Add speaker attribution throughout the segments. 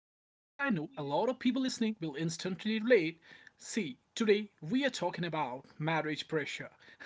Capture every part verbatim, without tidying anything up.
Speaker 1: a lot of people listening will instantly relate. See, today we are talking about marriage pressure.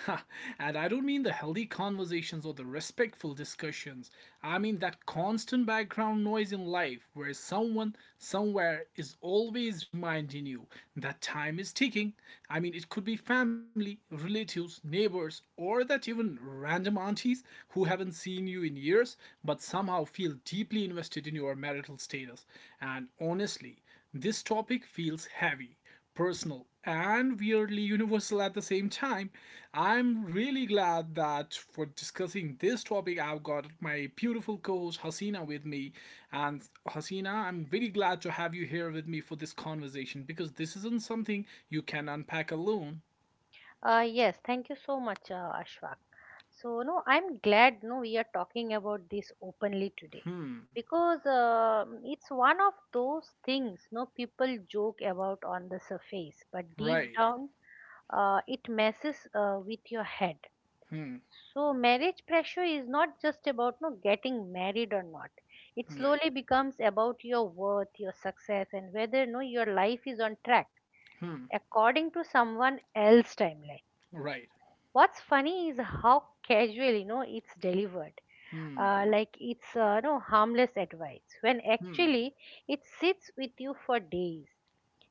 Speaker 1: And I don't mean the healthy conversations or the respectful discussions. I mean that constant background noise in life where someone somewhere is always reminding you that time is ticking. I mean, it could be family, relatives, neighbors neighbors or that even random aunties who haven't seen you in years but somehow feel deeply invested in your marital status. And honestly, this topic feels heavy, personal, and weirdly universal at the same time. I'm really glad that for discussing this topic, I've got my beautiful co host Hasina with me. And Hasina, I'm very glad to have you here with me for this conversation because this isn't something you can unpack alone.
Speaker 2: Uh, yes, thank you so much, uh, Ashwak. So, no, I'm glad no we are talking about this openly today because uh, it's one of those things no people joke about on the surface, but
Speaker 1: Right.
Speaker 2: deep down uh, it messes uh, with your head.
Speaker 1: Hmm.
Speaker 2: So, marriage pressure is not just about no getting married or not. It
Speaker 1: Right.
Speaker 2: slowly becomes about your worth, your success, and whether no your life is on track according to someone else's timeline.
Speaker 1: Right.
Speaker 2: What's funny is how casually, you know, it's delivered. Uh, like it's uh, no harmless advice when
Speaker 1: Hmm.
Speaker 2: actually it sits with you for days.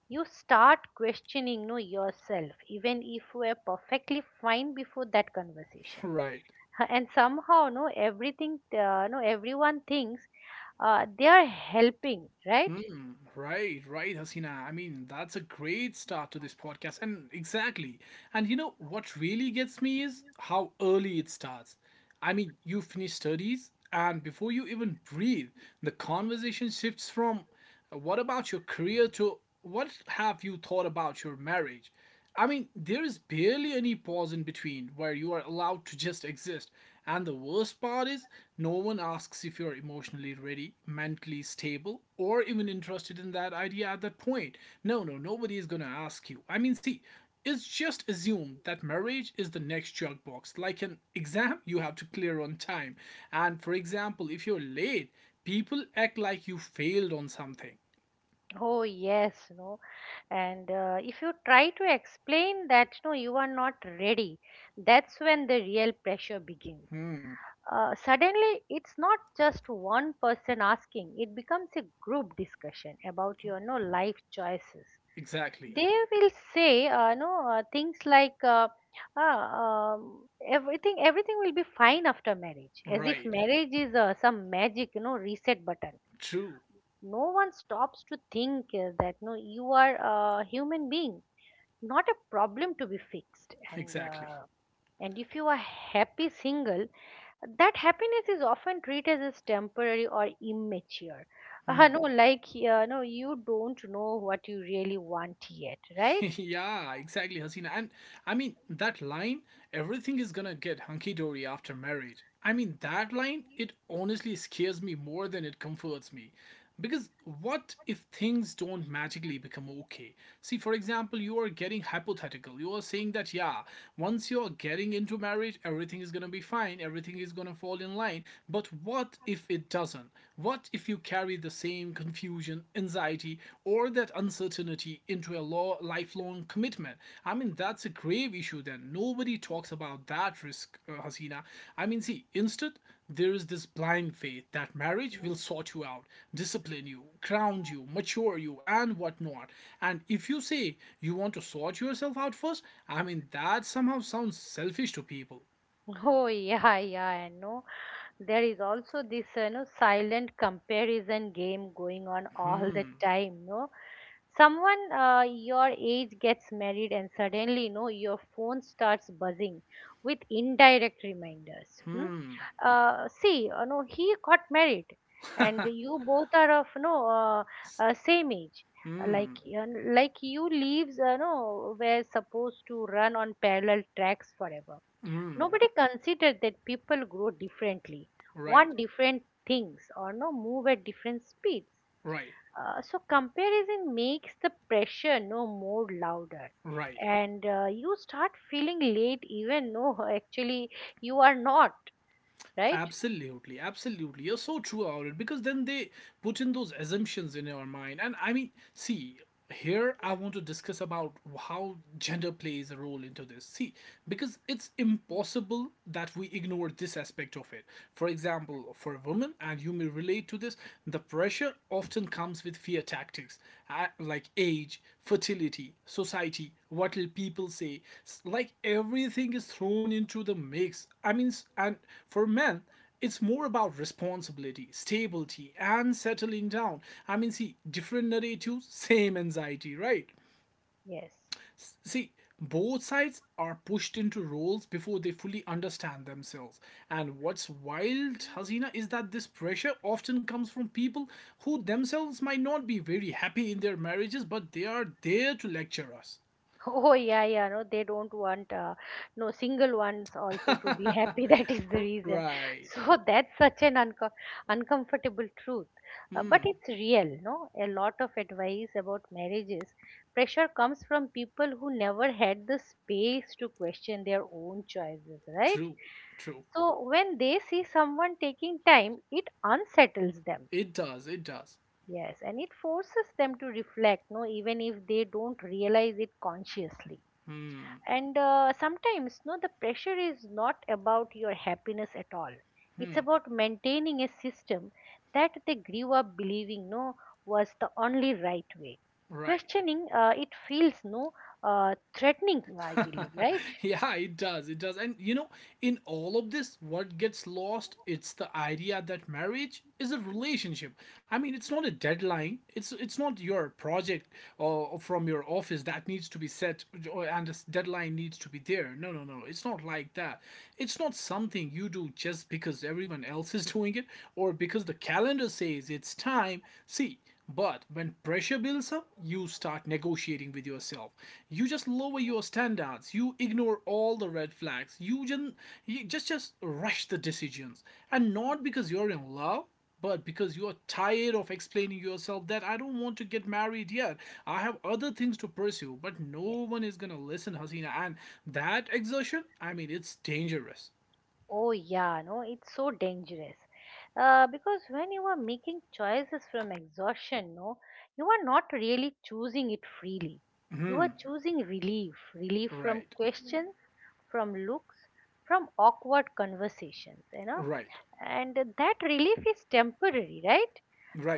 Speaker 2: You start questioning no yourself even if you were perfectly fine before that conversation.
Speaker 1: Right.
Speaker 2: And somehow no everything uh, no everyone thinks uh, they are helping, right?
Speaker 1: Right. Right, Hasina. I mean, that's a great start to this podcast. And exactly. And you know what really gets me is how early it starts. I mean, you finish studies, and before you even breathe, the conversation shifts from uh, what about your career to what have you thought about your marriage? I mean, there is barely any pause in between where you are allowed to just exist. And the worst part is, no one asks if you're emotionally ready, mentally stable, or even interested in that idea at that point. No, no, nobody is gonna ask you. I mean, see, it's just assumed that marriage is the next junk box, like an exam you have to clear on time. And for example, if you're late, people act like you failed on something.
Speaker 2: Oh yes, no. And uh, if you try to explain that no you are not ready, that's when the real pressure begins. Uh, suddenly it's not just one person asking, it becomes a group discussion about your no life choices.
Speaker 1: Exactly.
Speaker 2: They will say uh, no uh, things like uh, uh, um, everything everything will be fine after marriage as if
Speaker 1: Right.
Speaker 2: marriage is uh, some magic you know reset button.
Speaker 1: True.
Speaker 2: No one stops to think uh, that no you are a human being, not a problem to be fixed. and
Speaker 1: Exactly.
Speaker 2: uh, and if you are happy single, that happiness is often treated as temporary or immature, uh, no like uh, no you don't know what you really want yet, right?
Speaker 1: Yeah, exactly, Hasina. And I mean, that line, everything is gonna get hunky dory after marriage. I mean, that line, it honestly scares me more than it comforts me. Because what if things don't magically become okay? See, for example, you are getting hypothetical. You are saying that, yeah, once you're getting into marriage, everything is gonna be fine, everything is gonna fall in line. But what if it doesn't? What if if you carry the same confusion, anxiety, or that uncertainty into a law, lifelong commitment. I mean, that's a grave issue then. Nobody talks about that risk, uh, Hasina. I mean, see, instead, there is this blind faith that marriage will
Speaker 2: Mm.
Speaker 1: sort you out, discipline you, ground you, mature you, and whatnot. And if you say you want to sort yourself out first, I mean, that somehow sounds selfish to people.
Speaker 2: Oh yeah, yeah, I know. There is also this, you know, silent comparison game going on all the time, no? Someone uh, your age gets married and suddenly, you know, your phone starts buzzing with indirect reminders, hmm? Uh, see, you know, he got married and you both are of, you know uh, uh, same age. Uh, like uh, like you leaves, uh, you know were supposed to run on parallel tracks forever. Nobody considered that people grow differently,
Speaker 1: Right,
Speaker 2: want different things, or no move at different speeds.
Speaker 1: right,
Speaker 2: Uh, so comparison makes the pressure no more louder,
Speaker 1: right.
Speaker 2: and uh, you start feeling late even no actually you are not, right?
Speaker 1: Absolutely, absolutely. You're so true about it because then they put in those assumptions in your mind. And I mean, see, here I want to discuss about how gender plays a role into this. See, because it's impossible that we ignore this aspect of it. For example, for a woman, and you may relate to this, the pressure Pressure often comes with fear tactics, uh, like age, fertility, society, what will people say. Like everything is thrown into the mix. I mean, and for men, it's more about responsibility, stability, and settling down. I mean, see, different narratives, same anxiety, right?
Speaker 2: Yes.
Speaker 1: See, both sides are pushed into roles before they fully understand themselves. And what's wild, Hasina, is that this pressure often comes from people who themselves might not be very happy in their marriages, but they are there to lecture us.
Speaker 2: Oh yeah, yeah. No, they don't want uh, no single ones also to be happy. That is the reason.
Speaker 1: Right.
Speaker 2: So that's such an unco uncomfortable truth, uh, but it's real. No, a lot of advice about marriages, pressure comes from people who never had the space to question their own choices, right?
Speaker 1: True. True.
Speaker 2: So when they see someone taking time, it unsettles them.
Speaker 1: It does. It does.
Speaker 2: Yes, and it forces them to reflect. No, even if they don't realize it consciously. And uh, sometimes no the pressure is not about your happiness at all, it's about maintaining a system that they grew up believing no was the only right way.
Speaker 1: Right.
Speaker 2: Questioning uh, it feels no uh, threatening, I believe, right?
Speaker 1: Yeah, it does. It does. And you know, in all of this, what gets lost, it's the idea that marriage is a relationship. I mean, it's not a deadline. It's it's not your project or from your office that needs to be set or- and a s- deadline needs to be there. No, no, no. It's not like that. It's not something you do just because everyone else is doing it or because the calendar says it's time. See, but when pressure builds up, you start negotiating with yourself. You just lower your standards. You ignore all the red flags. You just you just, just rush the decisions. And not because you're in love, but because you are tired of explaining yourself that I don't want to get married yet. I have other things to pursue, but no
Speaker 2: Yes.
Speaker 1: one is going to listen, Hasina. And that exertion, I mean, it's dangerous.
Speaker 2: Oh yeah, no, it's so dangerous. Uh, because when you are making choices from exhaustion, no, you are not really choosing it freely. You are choosing relief, relief from
Speaker 1: Right.
Speaker 2: questions, from looks, from awkward conversations, you know.
Speaker 1: Right.
Speaker 2: And that relief is temporary, right?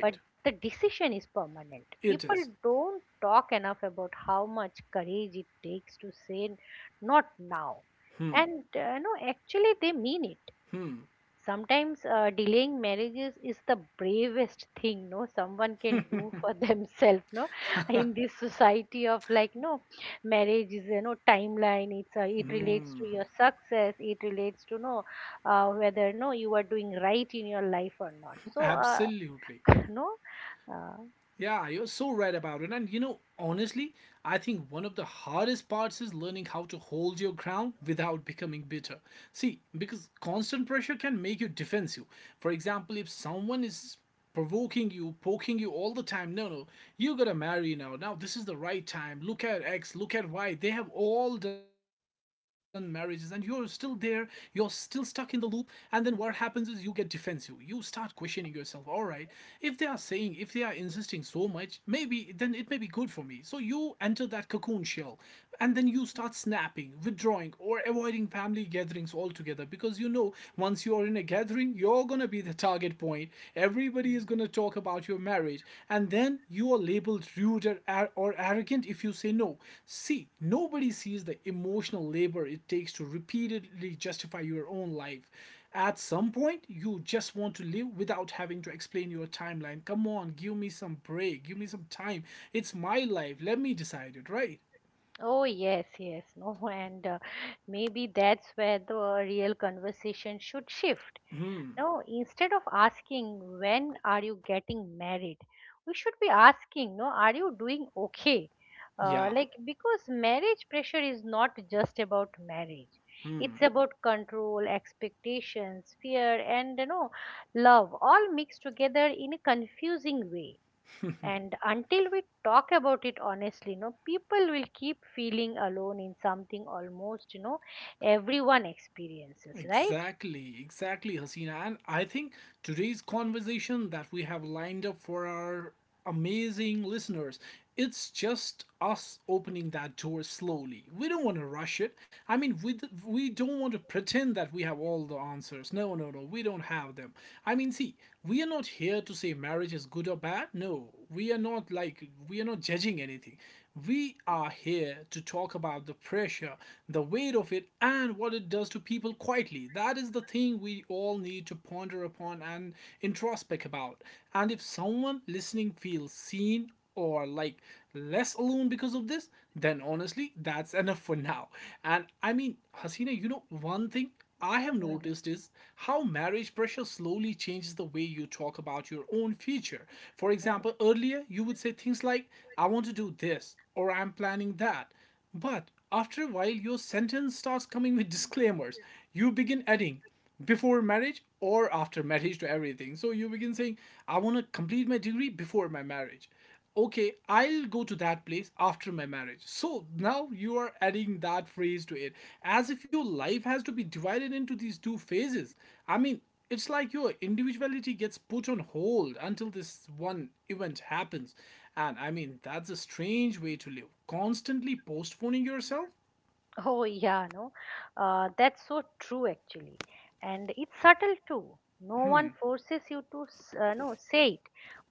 Speaker 2: But the decision is permanent.
Speaker 1: It
Speaker 2: People
Speaker 1: is.
Speaker 2: don't talk enough about how much courage it takes to say not now.
Speaker 1: Hmm.
Speaker 2: And uh, no, actually, they mean it.
Speaker 1: Hmm.
Speaker 2: Sometimes uh, delaying marriages is the bravest thing no someone can do for themselves, no in this society of, like no marriage is, you know, timeline, it's uh, it relates to your success, it relates to no uh, whether no you are doing right in your life or not, so uh,
Speaker 1: Absolutely.
Speaker 2: no uh,
Speaker 1: Yeah, you're so right about it. And you know, honestly, I think one of the hardest parts is learning how to hold your ground without becoming bitter. See, because constant pressure can make you defensive. For example, if someone is provoking you, poking you all the time, no, no, you gotta marry now. Now, this is the right time. Look at X, look at Y. They have all done marriages, and you're still there, you're still stuck in the loop, and then what happens is you get defensive. You start questioning yourself, alright, if they are saying, if they are insisting so much, maybe then it may be good for me. So you enter that cocoon shell and then you start snapping, withdrawing, or avoiding family gatherings altogether because you know once you are in a gathering, you're gonna be the target point. Everybody is going
Speaker 2: Mm.
Speaker 1: to talk about your marriage, and then you are labeled rude or, or arrogant if you say no. See, nobody sees the emotional labor it takes to repeatedly justify your own life. At some point, you just want to live without having to explain your timeline. Come on, give me some break, give me some time. It's my life, let me decide it, right?
Speaker 2: Oh yes, yes, no, and uh, maybe that's where the real conversation should shift.
Speaker 1: Hmm.
Speaker 2: No, instead of asking when are you getting married, we should be asking, no, are you doing okay? Uh,
Speaker 1: Yeah,
Speaker 2: like because marriage pressure is not just about marriage. It's about control, expectations, fear, and, you know, love, all mixed together in a confusing way. And until we talk about it honestly, no, people will keep feeling alone in something almost, you know, everyone experiences, right?
Speaker 1: exactly, exactly, Hasina. And I think today's conversation that we have lined up for our amazing listeners, it's just us opening that door slowly. We don't want to rush it. I mean, we, d- we don't want to pretend that we have all the answers. No, no, no, we don't have them. I mean, see, we are not here to say marriage is good or bad. No, we are not, like, we are not judging anything. We are here to talk about the pressure, the weight of it, and what it does to people quietly. That is the thing we all need to ponder upon and introspect about. And if someone listening feels seen or like less alone because of this, then honestly, that's enough for now. And I mean, Hasina, you know, one thing I have noticed is how marriage pressure slowly changes the way you talk about your own future. For example, earlier you would say things like, I want to do this or I'm planning that. But after a while, your sentence starts coming with disclaimers. You begin adding, before marriage or after marriage to everything. So you begin saying, I want to complete my degree before my marriage, okay, I'll go to that place after my marriage. So now you are adding that phrase to it as if your life has to be divided into these two phases. I mean, it's like your individuality gets put on hold until this one event happens. And I mean, that's a strange way to live. Constantly postponing yourself?
Speaker 2: Oh yeah, no. Uh, that's so true, actually. And it's subtle too. No one forces you to s- uh, no, say it,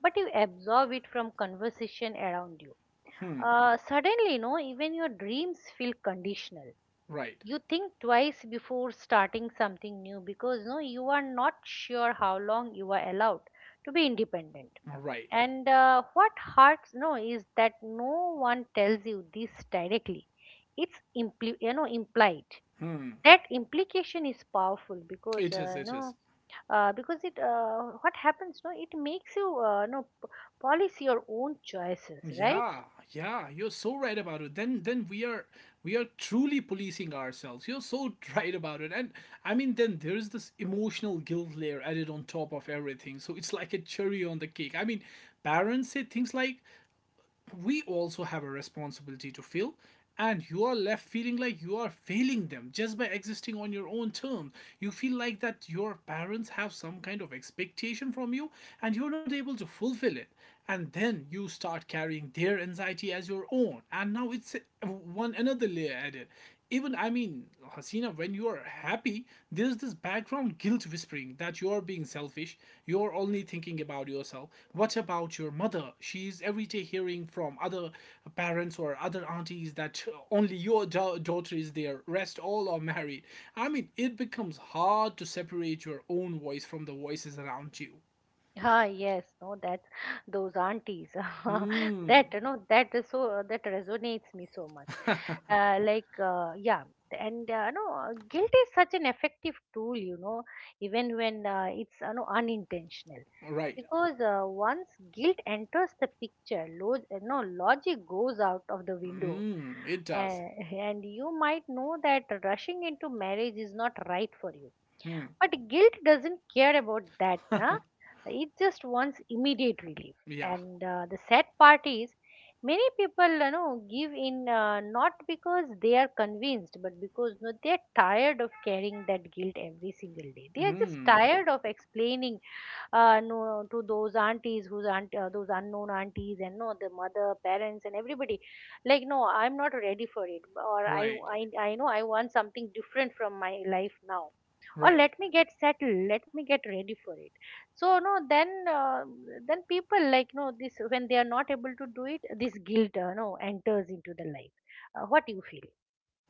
Speaker 2: but you absorb it from conversation around you. Uh, suddenly, no, even your dreams feel conditional.
Speaker 1: Right,
Speaker 2: You think twice before starting something new because, no, you are not sure how long you are allowed to be independent.
Speaker 1: right.
Speaker 2: And uh, what hurts, no, is that no one tells you this directly. It's impl- you know implied, that implication is powerful because,
Speaker 1: It is,
Speaker 2: uh, you
Speaker 1: it is.
Speaker 2: know uh, because it, uh, what happens, no it makes you, uh, you know p- police your own choices, right?
Speaker 1: Yeah, yeah, you're so right about it. Then then we are we are truly policing ourselves. You're so right about it. And I mean then there's this emotional guilt layer added on top of everything. So it's like a cherry on the cake. I mean, parents say things like that we also have a responsibility to fill, and you are left feeling like you are failing them just by existing on your own terms. You feel like that your parents have some kind of expectation from you and you're not able to fulfill it. And then you start carrying their anxiety as your own. And now it's one another layer added. Even, I mean, Hasina, when you are happy, there's this background guilt whispering that you're being selfish, you're only thinking about yourself. What about your mother? She's every day hearing from other parents or other aunties that only your da- daughter is there, rest all are married. I mean, it becomes hard to separate your own voice from the voices around you.
Speaker 2: Ah, yes, no, that's those aunties. That,
Speaker 1: Hmm.
Speaker 2: you know, that is so, uh, that resonates me so much. Uh, like, uh, yeah, and, uh, no, Guilt is such an effective tool, you know, even when uh, it's, you know, unintentional.
Speaker 1: Right.
Speaker 2: Because uh, once guilt enters the picture, lo- no, logic goes out of the window.
Speaker 1: Hmm. It
Speaker 2: Uh,
Speaker 1: does.
Speaker 2: and you might know that rushing into marriage is not right for you,
Speaker 1: Hmm.
Speaker 2: but guilt doesn't care about that, na? It just wants immediate relief.
Speaker 1: Yeah.
Speaker 2: And uh, the sad part is, many people, you know, give in, uh, not because they are convinced, but because, no, they are tired of carrying that guilt every single day. They are just
Speaker 1: Hmm.
Speaker 2: tired of explaining, uh, no, to those aunties, whose aunt, uh, those unknown aunties, and, no, the mother, parents, and everybody, like, no, I'm not ready for it, or I,
Speaker 1: Right.
Speaker 2: I, I know I want something different from my life now, or
Speaker 1: Right.
Speaker 2: let me get settled, let me get ready for it. So no then uh, then people like, no, this, when they are not able to do it, this guilt uh, no enters into the life. Uh, what do you feel?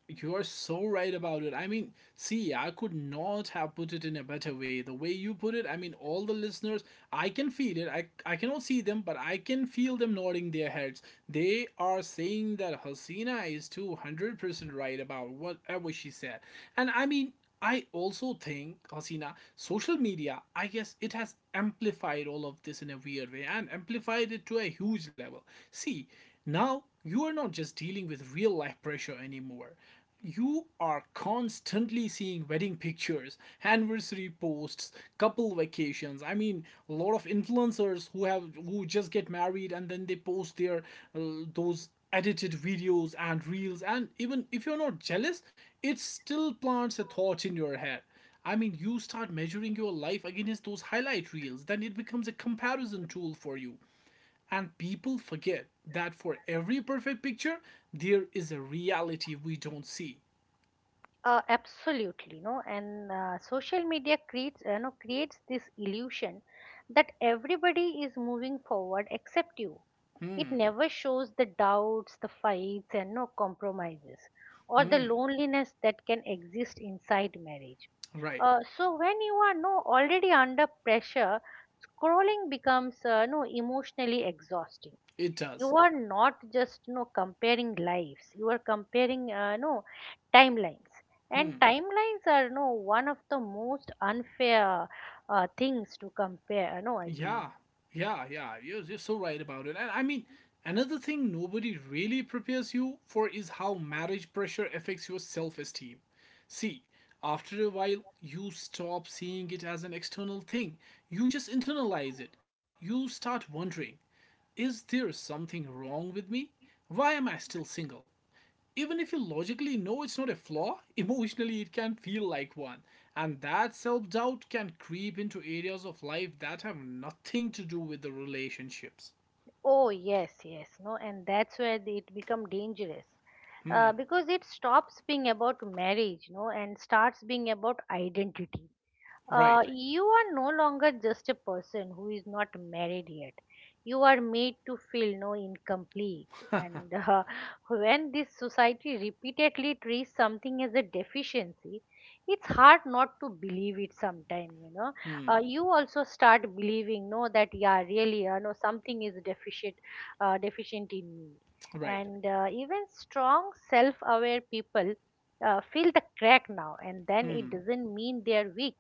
Speaker 1: You are so right about it. I mean, see, I could not have put it in a better way. The way you put it, I mean, all the listeners, I can feel it. I, I cannot see them, but I can feel them nodding their heads. They are saying that Hasina is two hundred percent right about whatever she said. And I mean, I also think, Hasina, social media, I guess it has amplified all of this in a weird way and amplified it to a huge level. See, now you are not just dealing with real life pressure anymore. You are constantly seeing wedding pictures, anniversary posts, couple vacations. I mean, a lot of influencers who have who just get married and then they post their uh, those edited videos and reels, and even if you're not jealous, it still plants a thought in your head. I mean, you start measuring your life against those highlight reels, then it becomes a comparison tool for you. And people forget that for every perfect picture, there is a reality we don't see.
Speaker 2: Uh, absolutely, no, and uh, social media creates, uh, no creates this illusion that everybody is moving forward except you. It never shows the doubts, the fights, and, no compromises, or the loneliness that can exist inside marriage.
Speaker 1: Right.
Speaker 2: Uh, so when you are, no already under pressure, scrolling becomes, uh, no emotionally exhausting.
Speaker 1: It does.
Speaker 2: You are not just, no comparing lives. You are comparing, uh, no timelines, and timelines are, no one of the most unfair uh, things to compare. Uh, No, I believe.
Speaker 1: Yeah. Yeah. Yeah. You're, you're so right about it. And I mean, another thing nobody really prepares you for is how marriage pressure affects your self esteem. See, after a while, you stop seeing it as an external thing. You just internalize it. You start wondering, is there something wrong with me? Why am I still single? Even if you logically know it's not a flaw, emotionally it can feel like one. And that self doubt can creep into areas of life that have nothing to do with the relationships.
Speaker 2: Oh yes, yes, no, and that's where the- it become dangerous,
Speaker 1: Hmm,
Speaker 2: uh, because it stops being about marriage, no, and starts being about identity. Uh,
Speaker 1: right,
Speaker 2: you are no longer just a person who is not married yet. You are made to feel, no incomplete. And uh, when this society repeatedly treats something as a deficiency, it's hard not to believe it sometime, you know. Uh, you also start believing, no, that, yeah, really, uh, no, something is deficient, uh, deficient in me.
Speaker 1: right.
Speaker 2: And uh, even strong, self-aware people uh, fill the crack now, and then it doesn't mean they are weak,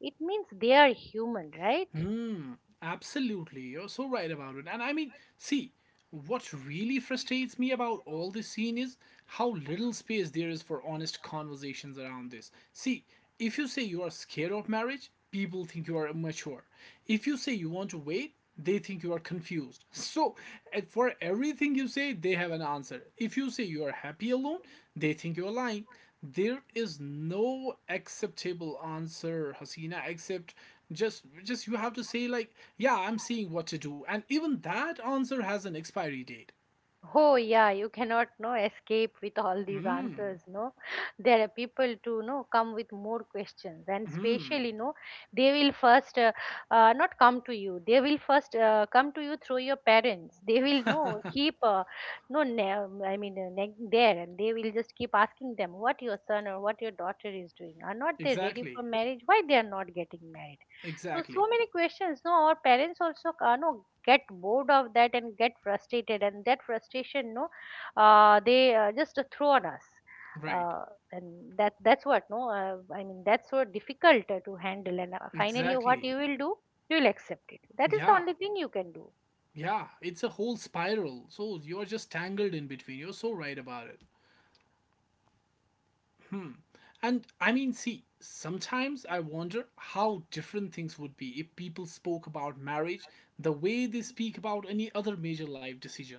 Speaker 2: it means they are human, right?
Speaker 1: Hmm, absolutely. You're so right about it. And I mean, see, what really frustrates me about all this scene is how little space there is for honest conversations around this. See, if you say you are scared of marriage, people think you are immature. If you say you want to wait, they think you are confused. So, uh, for everything you say, they have an answer. If you say you are happy alone, they think you are lying. There is no acceptable answer, Hasina, except just just you have to say, like, yeah, I'm seeing what to do, and even that answer has an expiry date.
Speaker 2: Oh yeah, you cannot no escape with all these
Speaker 1: Mm,
Speaker 2: answers, no. There are people to, no come with more questions, and
Speaker 1: mm,
Speaker 2: especially, no, they will first, uh, uh, not come to you. They will first uh, come to you through your parents. They will no keep, uh, no ne- I mean, uh, ne- there, and they will just keep asking them what your son or what your daughter is doing. Are not they ready for
Speaker 1: exactly,
Speaker 2: marriage? Why they are not getting married? So
Speaker 1: exactly,
Speaker 2: so many questions. No, our parents also uh, no get bored of that and get frustrated, and that frustration, no uh, they uh, just throw on us,
Speaker 1: right,
Speaker 2: uh, and that that's what, no uh, I mean, that's so difficult uh, to handle, and uh, finally, what you
Speaker 1: exactly.
Speaker 2: will do, you will accept it, that is the
Speaker 1: Yeah,
Speaker 2: only thing you can do.
Speaker 1: yeah, it's a whole spiral. So you're just tangled in between. You're so right about it. And I mean, see, sometimes I wonder how different things would be if people spoke about marriage the way they speak about any other major life decision,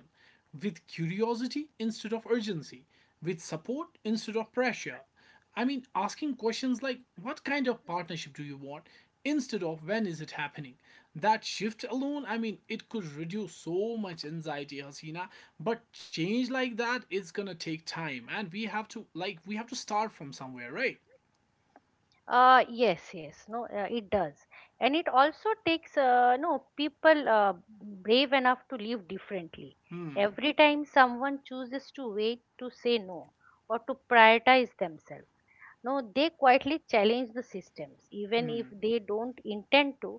Speaker 1: with curiosity instead of urgency, with support instead of pressure. I mean, asking questions like, what kind of partnership do you want, instead of, when is it happening? That shift alone, I mean, it could reduce so much anxiety, Hasina. But change like that is gonna take time, and we have to like we have to start from somewhere, right?
Speaker 2: Uh yes yes, no, uh, it does, and it also takes uh, no people uh, brave enough to live differently.
Speaker 1: Hmm.
Speaker 2: Every time someone chooses to wait, to say no, or to prioritize themselves, no, they quietly challenge the systems, even if
Speaker 1: Hmm.
Speaker 2: they don't intend to,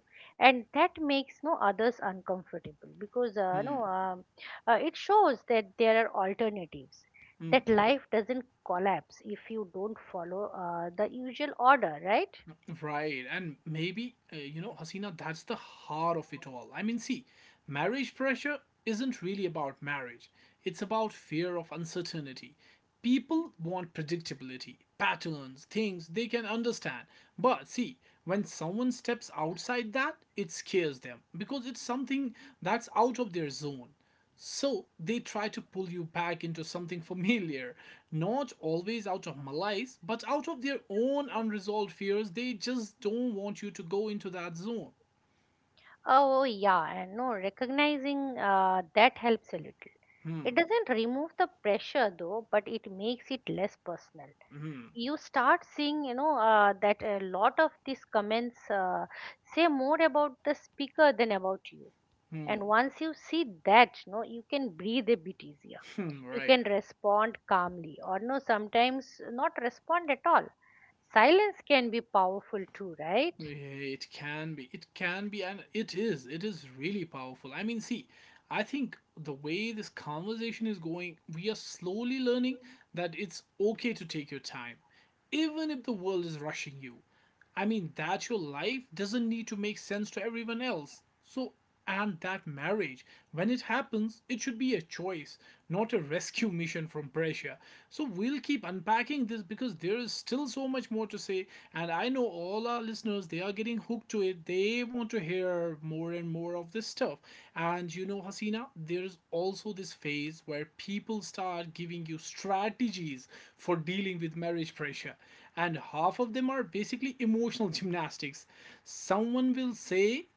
Speaker 2: and that makes, no others uncomfortable because, uh, no,
Speaker 1: Hmm.
Speaker 2: um, uh, it shows that there are alternatives,
Speaker 1: Hmm.
Speaker 2: that life doesn't collapse if you don't follow uh, the usual order, right?
Speaker 1: Right, and maybe, uh, you know, Hasina, that's the heart of it all. I mean, see, marriage pressure isn't really about marriage, it's about fear of uncertainty. People want predictability, patterns, things they can understand. But see, when someone steps outside that, it scares them because it's something that's out of their zone. So they try to pull you back into something familiar, not always out of malice, but out of their own unresolved fears. They just don't want you to go into that zone.
Speaker 2: Oh yeah, and no, recognizing, uh, that helps a little.
Speaker 1: Hmm.
Speaker 2: It doesn't remove the pressure though, but it makes it less personal. You start seeing, you know, uh, that a lot of these comments, uh, say more about the speaker than about you,
Speaker 1: Hmm.
Speaker 2: and once you see that, you know, you can breathe a bit easier.
Speaker 1: Hmm,
Speaker 2: You
Speaker 1: right.
Speaker 2: can respond calmly, or, no sometimes not respond at all. Silence can be powerful too, right?
Speaker 1: Yeah, it can be. It can be, and it is. It is really powerful. I mean, see, I think the way this conversation is going, we are slowly learning that it's okay to take your time, even if the world is rushing you. I mean, that your life doesn't need to make sense to everyone else. So, and that marriage, when it happens, it should be a choice, not a rescue mission from pressure. So we'll keep unpacking this because there is still so much more to say. And I know all our listeners, they are getting hooked to it. They want to hear more and more of this stuff. And you know, Hasina, there is also this phase where people start giving you strategies for dealing with marriage pressure. And half of them are basically emotional gymnastics. Someone will say,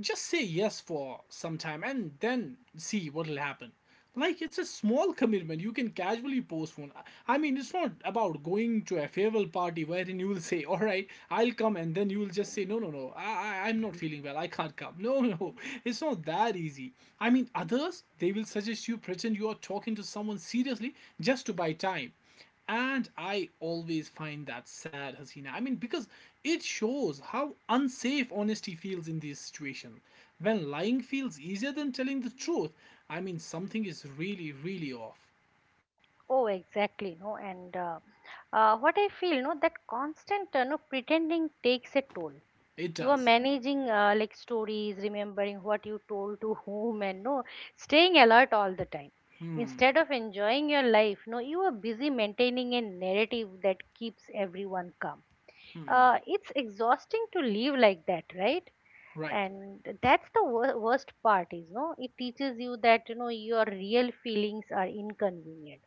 Speaker 1: just say yes for some time and then see what'll happen, like it's a small commitment you can casually postpone. I mean, it's not about going to a farewell party wherein you will say, all right, I'll come, and then you will just say, no, no, no, i, I i'm not feeling well, I can't come, no, no, no. It's not that easy. I mean, others, they will suggest you pretend you are talking to someone seriously just to buy time. And I always find that sad, Hasina. I mean, because it shows how unsafe honesty feels in these situations. When lying feels easier than telling the truth, I mean, something is really, really off.
Speaker 2: Oh, exactly. No, and uh, uh, what I feel, no, that constant, uh, no, pretending takes a toll.
Speaker 1: It
Speaker 2: You are
Speaker 1: does.
Speaker 2: managing uh, like stories, remembering what you told to whom and no, staying alert all the time
Speaker 1: Hmm,
Speaker 2: instead of enjoying your life. No, you are busy maintaining a narrative that keeps everyone calm.
Speaker 1: hmm,
Speaker 2: Uh, it's exhausting to live like that, right?
Speaker 1: right.
Speaker 2: And that's the wor- worst part is, no, it teaches you that, you know, your real feelings are inconvenient,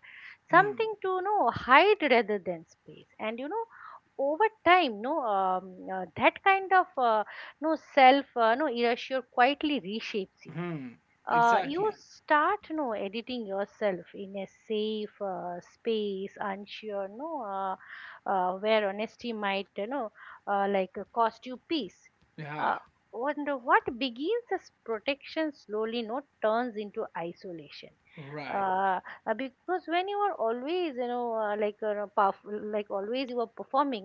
Speaker 1: Hmm,
Speaker 2: something to, you know, hide rather than space. And you know, over time, no, um, uh, that kind of uh, no self uh, no erasure quietly reshapes you.
Speaker 1: hmm,
Speaker 2: Uh, you
Speaker 1: exactly.
Speaker 2: start, you know, editing yourself in a safe uh, space, unsure, no, uh, uh, where honesty might, you know, uh, like uh, cost you peace.
Speaker 1: Yeah,
Speaker 2: uh, Wonder what begins as protection slowly, no, turns into isolation.
Speaker 1: right.
Speaker 2: uh, uh, because when you are always, you know, uh, like uh, perf- like always you are performing.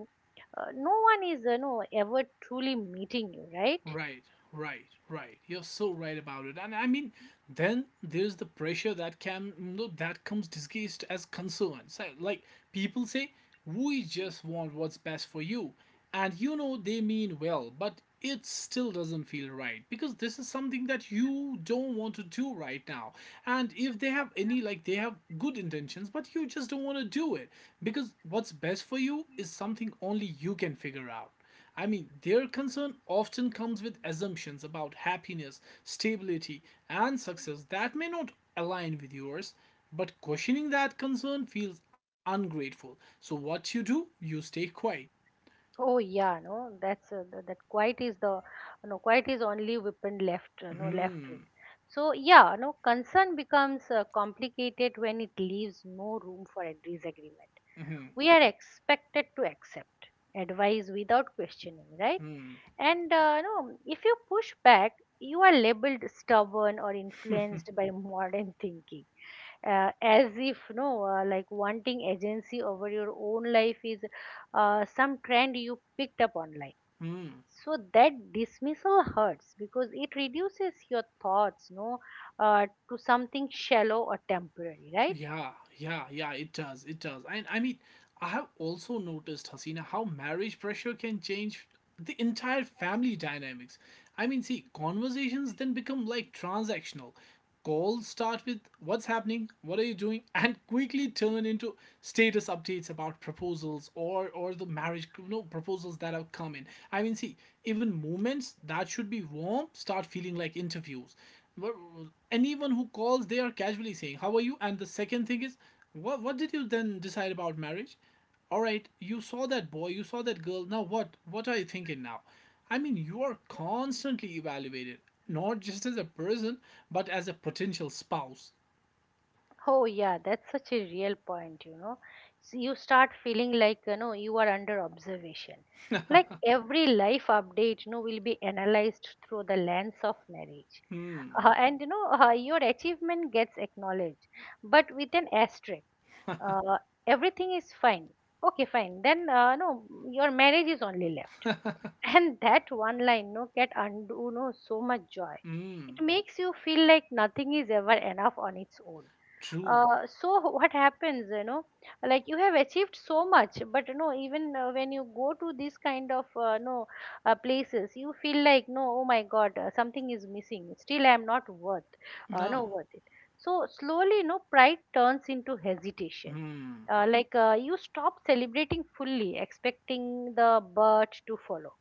Speaker 2: uh, No one is, you know, ever truly meeting you, right?
Speaker 1: Right, right, right. You're so right about it. And I mean, then there's the pressure that can no, that comes disguised as concern. So, like, people say, we just want what's best for you, and you know they mean well, but it still doesn't feel right because this is something that you don't want to do right now. And if they have any like they have good intentions, but you just don't want to do it because what's best for you is something only you can figure out. I mean, their concern often comes with assumptions about happiness, stability, and success that may not align with yours, but questioning that concern feels ungrateful. So, what you do? You stay quiet.
Speaker 2: Oh yeah, no, that's uh, th- that quiet is the, no, quiet is only weapon left uh, no left with.
Speaker 1: Hmm.
Speaker 2: So yeah, no, concern becomes uh, complicated when it leaves no room for a disagreement.
Speaker 1: Hmm.
Speaker 2: We are expected to accept advice without questioning, right? And uh, no, if you push back, you are labeled stubborn or influenced by modern thinking, uh, as if no, uh, like wanting agency over your own life is uh, some trend you picked up online. So that dismissal hurts because it reduces your thoughts, no, uh, to something shallow or temporary, right?
Speaker 1: Yeah, yeah, yeah, it does. It does. And I mean, I have also noticed, Hasina, how marriage pressure can change the entire family dynamics. I mean, see, conversations then become like transactional. Calls start with, what's happening, what are you doing, and quickly turn into status updates about proposals, or or the marriage, you know, proposals that have come in. I mean, see, even moments that should be warm start feeling like interviews. Anyone who calls, they are casually saying, how are you, and the second thing is, what what did you then decide about marriage, all right, you saw that boy, you saw that girl, now what what are you thinking now? I mean, you are constantly evaluated, not just as a person, but as a potential spouse.
Speaker 2: Oh yeah, that's such a real point, you know. So you start feeling like, you know, you are under observation, like every life update, you know, will be analyzed through the lens of marriage.
Speaker 1: Hmm.
Speaker 2: Uh, and you know, uh, your achievement gets acknowledged, but with an asterisk. uh, Everything is fine, okay, fine, then uh, no, your marriage is only left. And that one line, no, can undo, no, so much joy.
Speaker 1: Hmm.
Speaker 2: It makes you feel like nothing is ever enough on its own.
Speaker 1: True.
Speaker 2: Uh, so what happens, you know, like you have achieved so much, but no, even uh, when you go to these kind of uh, no uh, places, you feel like, no, oh my god, uh, something is missing. Still I am not worth uh,
Speaker 1: Nah.
Speaker 2: no worth it. So slowly, no, pride turns into hesitation.
Speaker 1: Hmm.
Speaker 2: uh, like uh, you stop celebrating fully, expecting the bird to follow.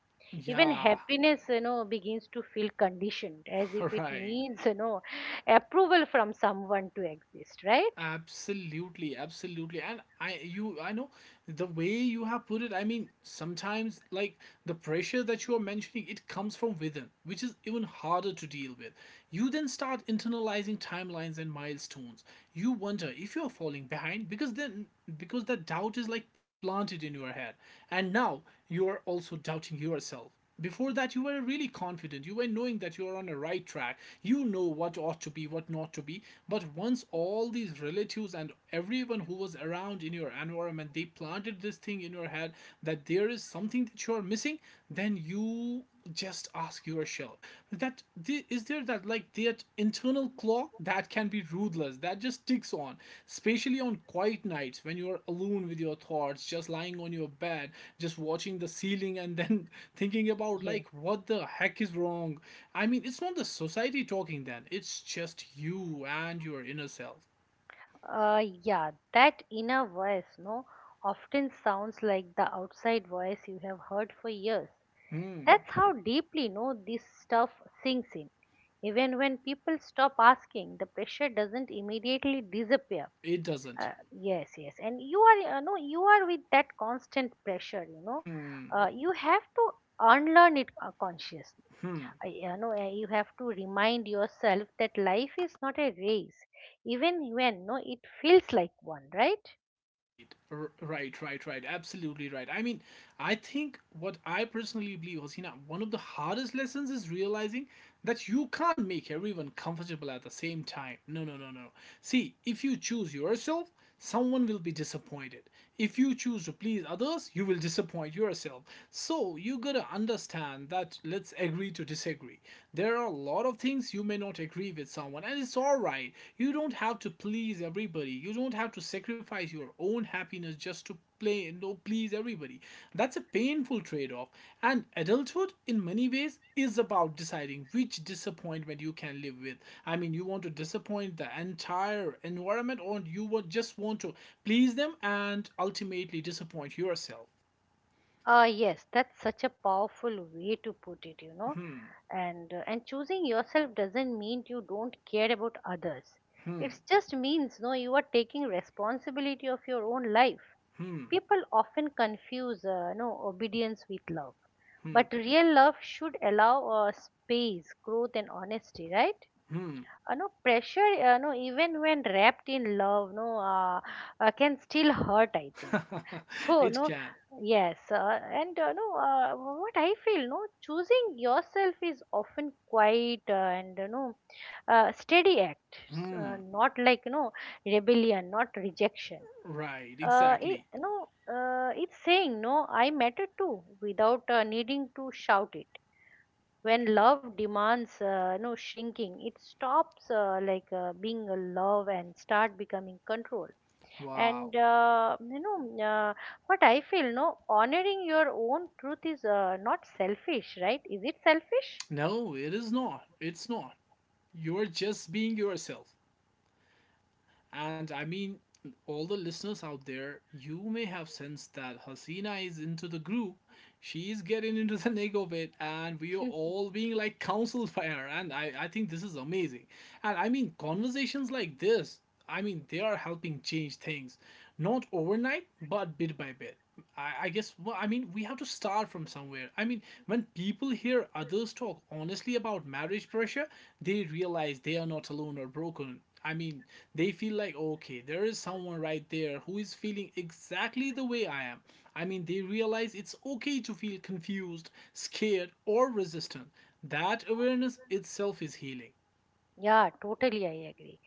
Speaker 2: Even
Speaker 1: Yeah.
Speaker 2: happiness, you know, begins to feel conditioned, as if it
Speaker 1: Right.
Speaker 2: needs, you know, approval from someone to exist, right?
Speaker 1: Absolutely, absolutely. And I you I know the way you have put it, I mean, sometimes, like, the pressure that you are mentioning, it comes from within, which is even harder to deal with. You then start internalizing timelines and milestones. You wonder if you're falling behind, because then because that doubt is, like, planted in your head. And now you are also doubting yourself. Before that, you were really confident. You were knowing that you are on the right track. You know what ought to be, what not to be. But once all these relatives and everyone who was around in your environment, they planted this thing in your head that there is something that you are missing, then you just ask yourself, that is there, that, like, their internal clock that can be ruthless, that just ticks on, especially on quiet nights when you're alone with your thoughts, just lying on your bed, just watching the ceiling, and then thinking about,
Speaker 2: Yeah.
Speaker 1: like, what the heck is wrong. I mean, it's not the society talking then, it's just you and your inner self.
Speaker 2: Uh, yeah, that inner voice, no, often sounds like the outside voice you have heard for years.
Speaker 1: Hmm.
Speaker 2: That's how deeply, no, this stuff sinks in. Even when people stop asking, the pressure doesn't immediately disappear.
Speaker 1: It doesn't.
Speaker 2: Uh, yes, yes, and you are, uh, no, you are with that constant pressure. You know,
Speaker 1: Hmm.
Speaker 2: uh, you have to unlearn it uh, consciously.
Speaker 1: Hmm.
Speaker 2: I- you know eh, you have to remind yourself that life is not a race, even when no it feels like one, right?
Speaker 1: Right, r- right, right, right. Absolutely right. I mean, I think what I personally believe, Hasina, one of the hardest lessons is realizing that you can't make everyone comfortable at the same time. No, no, no, no. See, if you choose yourself, someone will be disappointed. If you choose to please others, you will disappoint yourself. So you gotta understand that, let's agree to disagree. There are a lot of things you may not agree with someone, and it's alright. You don't have to please everybody. You don't have to sacrifice your own happiness just to play no please everybody. That's a painful trade-off, and adulthood, in many ways, is about deciding which disappointment you can live with. I mean, you want to disappoint the entire environment, or you would just want to please them and ultimately disappoint yourself.
Speaker 2: Uh yes, that's such a powerful way to put it, you know. And uh, and choosing yourself doesn't mean you don't care about others.
Speaker 1: Hmm.
Speaker 2: It just means, no, you are taking responsibility of your own life.
Speaker 1: Hmm.
Speaker 2: People often confuse uh, no obedience with love,
Speaker 1: Hmm.
Speaker 2: but real love should allow uh, space, growth and honesty, right?
Speaker 1: Hmm.
Speaker 2: Uh, no pressure, uh, no, even when wrapped in love, no, uh, uh, can still hurt, I think. So
Speaker 1: It
Speaker 2: no,
Speaker 1: can.
Speaker 2: yes, uh, and uh, no, uh, what I feel, no, choosing yourself is often quite uh, and you know, uh, steady act, uh,
Speaker 1: Hmm.
Speaker 2: not like, you know, rebellion, not rejection.
Speaker 1: Right.
Speaker 2: Uh, it,
Speaker 1: Exactly.
Speaker 2: no, uh, it's saying no. I matter too, without uh, needing to shout it. When love demands, uh, you know, shrinking, it stops uh, like uh, being a love and start becoming control.
Speaker 1: Wow.
Speaker 2: And uh, you know, mm, uh, what I feel, no, honoring your own truth is uh, not selfish, right? Is it selfish?
Speaker 1: No, it is not. It's not. You're just being yourself. And I mean, all the listeners out there, you may have sensed that Hasina is into the group. She's getting into the nick of it, and we are all being, like, counseled by her. And I, I think this is amazing. And I mean, conversations like this, I mean, they are helping change things. Not overnight, but bit by bit. I, I guess, well, I mean, we have to start from somewhere. I mean, when people hear others talk honestly about marriage pressure, they realize they are not alone or broken. I mean, they feel like, okay, there is someone right there who is feeling exactly the way I am. I mean, they realize it's okay to feel confused, scared, or resistant. That awareness itself is healing.
Speaker 2: Yeah, totally, I agree.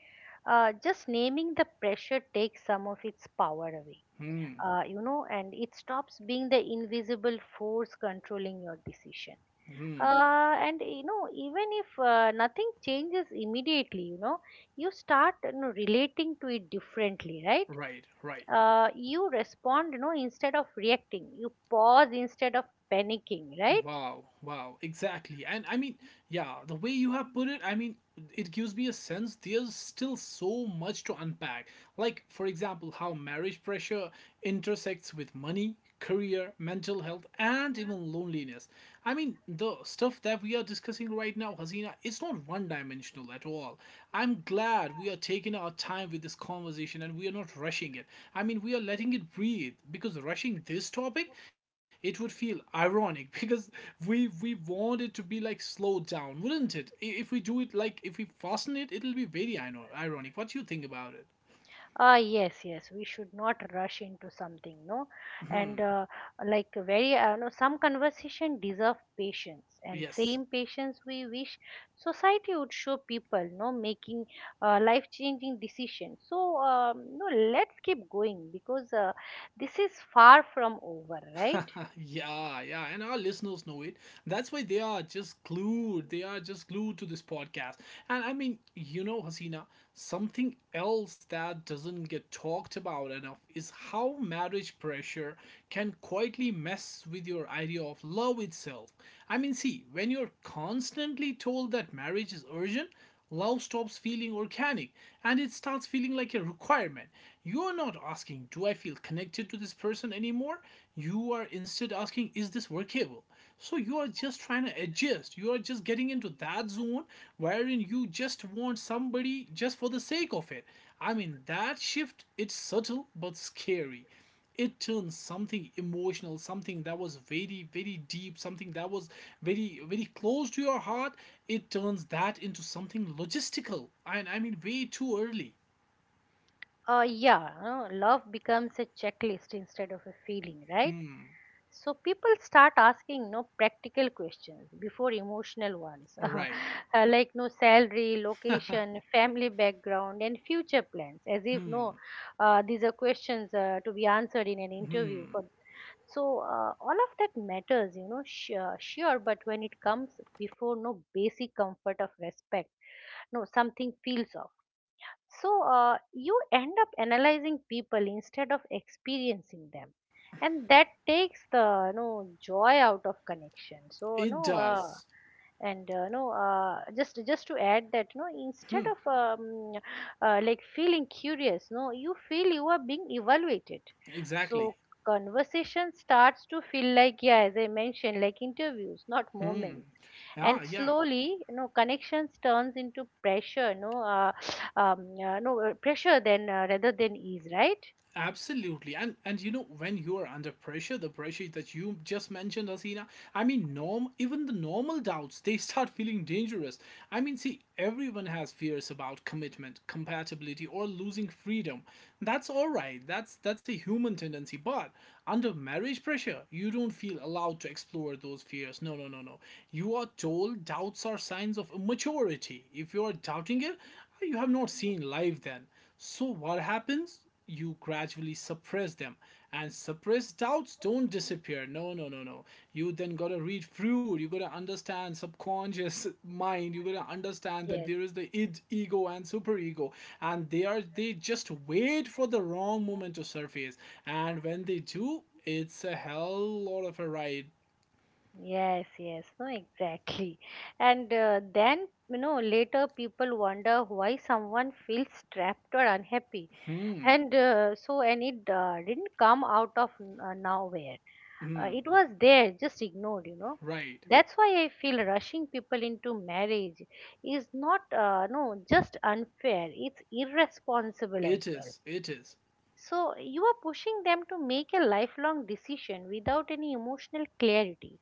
Speaker 2: Uh, just naming the pressure takes some of its power away,
Speaker 1: Hmm,
Speaker 2: uh, you know, and it stops being the invisible force controlling your decision.
Speaker 1: hmm,
Speaker 2: Uh, and you know, even if uh, nothing changes immediately, you know, you start, you know, relating to it differently, right?
Speaker 1: right, right.
Speaker 2: Uh, you respond, you know, instead of reacting, you pause instead of panicking, right?
Speaker 1: Wow, wow, exactly. And I mean, yeah, the way you have put it, I mean, it gives me a sense there's still so much to unpack. Like, for example, how marriage pressure intersects with money, career, mental health, and even loneliness. I mean, the stuff that we are discussing right now, Hasina, it's not one dimensional at all. I'm glad we are taking our time with this conversation and we are not rushing it. I mean, we are letting it breathe because rushing this topic, it would feel ironic because we we want it to be like slowed down, wouldn't it? If we do it like if we fasten it, it'll be very ino- ironic. What do you think about it?
Speaker 2: Ah, yes, yes. We should not rush into something, no. And
Speaker 1: Hmm.
Speaker 2: uh, like very, uh, no, some conversation deserve patience, and
Speaker 1: Yes.
Speaker 2: same patience we wish society would show people, no, making uh, life-changing decisions. So, um, no, let's keep going, because uh, this is far from over, right?
Speaker 1: Yeah, yeah, and our listeners know it. That's why they are just glued. They are just glued to this podcast. And I mean, you know, Hasina, something else that doesn't get talked about enough is how marriage pressure can quietly mess with your idea of love itself. I mean, see, when you're constantly told that marriage is urgent, love stops feeling organic and it starts feeling like a requirement. You are not asking, do I feel connected to this person anymore? You are instead asking, is this workable? So you are just trying to adjust. You are just getting into that zone wherein you just want somebody just for the sake of it. I mean, that shift, it's subtle but scary. It turns something emotional, something that was very very deep, something that was very very close to your heart, it turns that into something logistical, and I mean way too early.
Speaker 2: Uh, yeah, no, love becomes a checklist instead of a feeling, right?
Speaker 1: Hmm,
Speaker 2: So people start asking, no, practical questions before emotional ones, uh,
Speaker 1: right.
Speaker 2: like no salary, location, family background, and future plans, as if no, uh, these are questions uh, to be answered in an interview.
Speaker 1: Hmm,
Speaker 2: For so, uh, all of that matters, you know, sure, sure, but when it comes before no basic comfort of respect, no something feels off. So uh, you end up analyzing people instead of experiencing them, and that takes the no joy out of connection. So
Speaker 1: it
Speaker 2: no, uh,
Speaker 1: does.
Speaker 2: and uh, no, uh, just just to add that no, instead
Speaker 1: Hmm,
Speaker 2: of um, uh, like feeling curious, no, you feel you are being evaluated. So
Speaker 1: exactly.
Speaker 2: conversation starts to feel like, yeah, as I mentioned, like interviews, not
Speaker 1: Hmm,
Speaker 2: moments.
Speaker 1: yeah,
Speaker 2: And
Speaker 1: yeah.
Speaker 2: slowly, you know, connections turns into pressure, no, uh, um, uh, no uh, pressure than uh, rather than ease, right?
Speaker 1: Absolutely. And and you know, when you are under pressure, the pressure that you just mentioned, Asina, I mean norm even the normal doubts, they start feeling dangerous. I mean, see, everyone has fears about commitment, compatibility, or losing freedom. That's alright. That's that's a human tendency. But under marriage pressure, you don't feel allowed to explore those fears. No, no, no, no. You are told doubts are signs of immaturity. If you are doubting it, you have not seen life then. So what happens? You gradually suppress them, and suppressed doubts don't disappear. No, no, no, no. You then gotta read through, you gotta understand subconscious mind, you gotta understand that
Speaker 2: Yes.
Speaker 1: there is the id, ego, and superego, and they are they just wait for the wrong moment to surface. And when they do, it's a hell lot of a ride.
Speaker 2: Yes, yes, no, exactly. And uh, then, you know, later people wonder why someone feels trapped or unhappy.
Speaker 1: Hmm,
Speaker 2: And uh, so and it uh, didn't come out of n- uh, nowhere. Uh, it was there, just ignored, you know.
Speaker 1: right.
Speaker 2: That's why I feel rushing people into marriage is not uh, no just unfair, it's irresponsible as
Speaker 1: It
Speaker 2: well.
Speaker 1: is, it is.
Speaker 2: So you are pushing them to make a lifelong decision without any emotional clarity.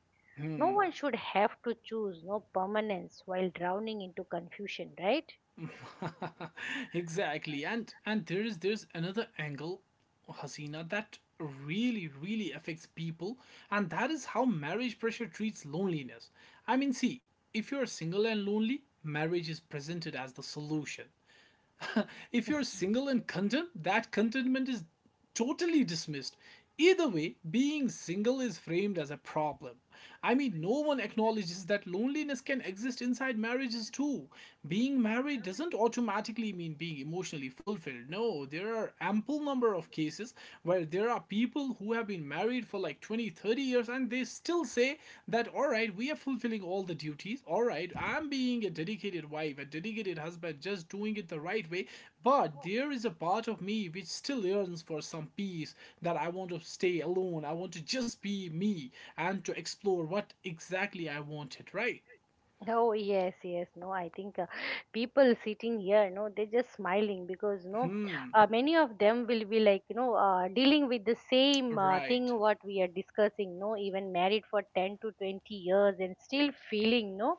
Speaker 2: No one should have to choose no permanence while drowning into confusion, right?
Speaker 1: Exactly. And and there is there's another angle, Hasina, that really really affects people, and that is how marriage pressure treats loneliness. I mean, see, if you're single and lonely, marriage is presented as the solution. If you're single and content, that contentment is totally dismissed. Either way, being single is framed as a problem. I mean, no one acknowledges that loneliness can exist inside marriages too. Being married doesn't automatically mean being emotionally fulfilled. No, there are ample number of cases where there are people who have have been married for like twenty, thirty years, and they still say that, all right, we are fulfilling all the duties. All right, I'm being a dedicated wife, a dedicated husband, just doing it the right way. But there is a part of me which still yearns for some peace, that I want to stay alone. I want to just be me and to explore what exactly I wanted, right?
Speaker 2: Oh yes, yes. No, I think uh, people sitting here, no, they're just smiling because no,
Speaker 1: Hmm,
Speaker 2: uh, many of them will be like, you know, uh, dealing with the same uh,
Speaker 1: right.
Speaker 2: thing what we are discussing. No, even married for ten to twenty years and still feeling no,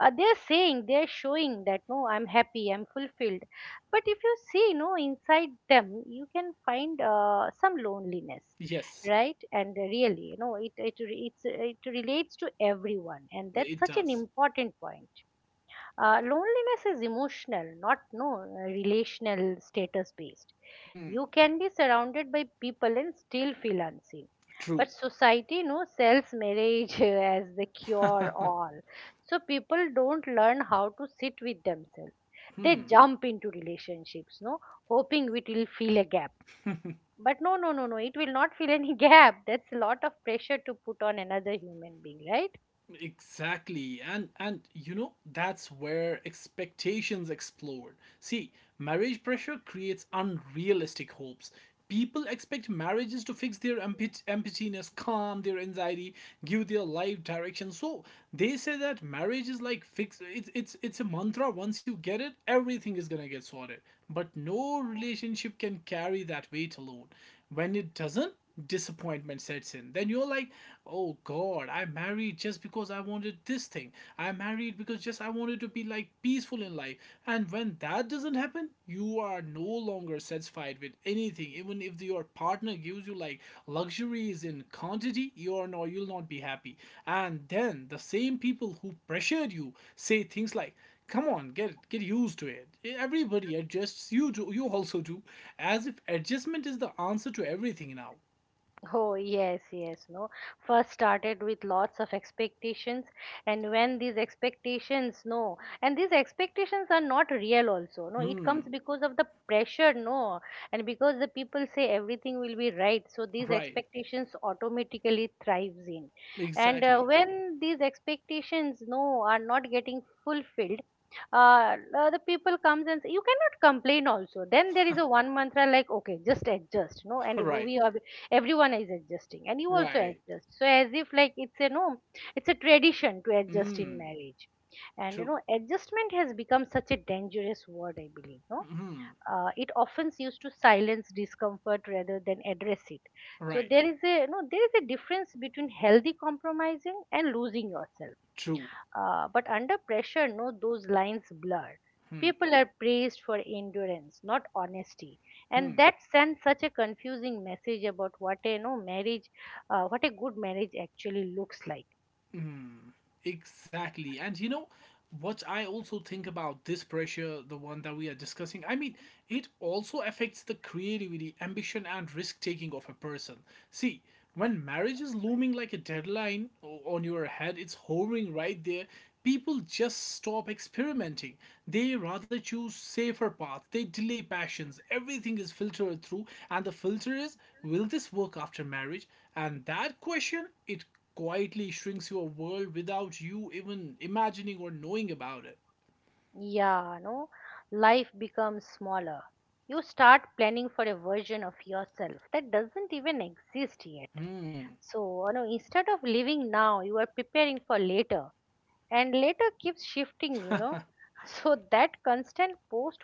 Speaker 2: uh, they're saying, they're showing that no, I'm happy, I'm fulfilled. But if you see, no, inside them, you can find uh, some loneliness,
Speaker 1: Yes,
Speaker 2: right? And really, you know, it it re- it's, it relates to everyone, and that's
Speaker 1: it
Speaker 2: such an
Speaker 1: does.
Speaker 2: important point. Uh, loneliness is emotional, not no uh, relational status based.
Speaker 1: Hmm,
Speaker 2: You can be surrounded by people and still feel unseen.
Speaker 1: true.
Speaker 2: But society, you know, sells marriage as the cure all. So people don't learn how to sit with themselves. They jump into relationships, no, hoping it will fill a gap. But no, no, no, no. It will not fill any gap. That's a lot of pressure to put on another human being, right?
Speaker 1: Exactly. And and you know, that's where expectations explode. See, marriage pressure creates unrealistic hopes. People expect marriages to fix their empty- emptiness, calm their anxiety, give their life direction. So they say that marriage is like fix, it's it's it's a mantra. Once you get it, everything is gonna get sorted. But no relationship can carry that weight alone. When it doesn't, disappointment sets in. Then you're like, oh God, I married just because I wanted this thing. I married because just I wanted to be like peaceful in life. And when that doesn't happen, you are no longer satisfied with anything. Even if your partner gives you like luxuries in quantity, you're no, you'll not be happy. And then the same people who pressured you say things like, come on, get get used to it, everybody adjusts, you do, you also do, as if adjustment is the answer to everything now.
Speaker 2: Oh, yes, yes, no. First started with lots of expectations, and when these expectations, no, and these expectations are not real, also, no, it comes
Speaker 1: Hmm.
Speaker 2: because of the pressure, no, and because the people say everything will be right, so these
Speaker 1: Right.
Speaker 2: expectations automatically thrives in. And uh,
Speaker 1: Exactly.
Speaker 2: when these expectations, no, are not getting fulfilled, uh, uh, the people comes and say, you cannot complain also. Then there is a one mantra like okay, just adjust, no, and if
Speaker 1: Right.
Speaker 2: we have everyone is adjusting, and you also
Speaker 1: Right.
Speaker 2: adjust, so as if like it's a no, it's a tradition to adjust in
Speaker 1: Hmm.
Speaker 2: marriage. And you
Speaker 1: True.
Speaker 2: know, adjustment has become such a dangerous word, I believe, no.
Speaker 1: Hmm.
Speaker 2: Uh, it often used to silence discomfort rather than address it. So
Speaker 1: Right.
Speaker 2: there is a no, there is a difference between healthy compromising and losing yourself.
Speaker 1: True.
Speaker 2: Uh, but under pressure, no, those lines blur.
Speaker 1: Hmm.
Speaker 2: People are praised for endurance, not honesty, and
Speaker 1: Hmm.
Speaker 2: that sends such a confusing message about what a no marriage, uh, what a good marriage actually looks like.
Speaker 1: Exactly. And you know what I also think about this pressure, the one that we are discussing? I mean, it also affects the creativity, ambition, and risk taking of a person. See, when marriage is looming like a deadline o- on your head, it's hovering right there. People just stop experimenting. They rather choose safer paths. They delay passions. Everything is filtered through, and the filter is, will this work after marriage? And that question, it quietly shrinks your world without you even imagining or knowing about it.
Speaker 2: Yeah, no, life becomes smaller. You start planning for a version of yourself that doesn't even exist yet.
Speaker 1: Hmm,
Speaker 2: So, you know, instead of living now, you are preparing for later. And later keeps shifting, you know. So that constant post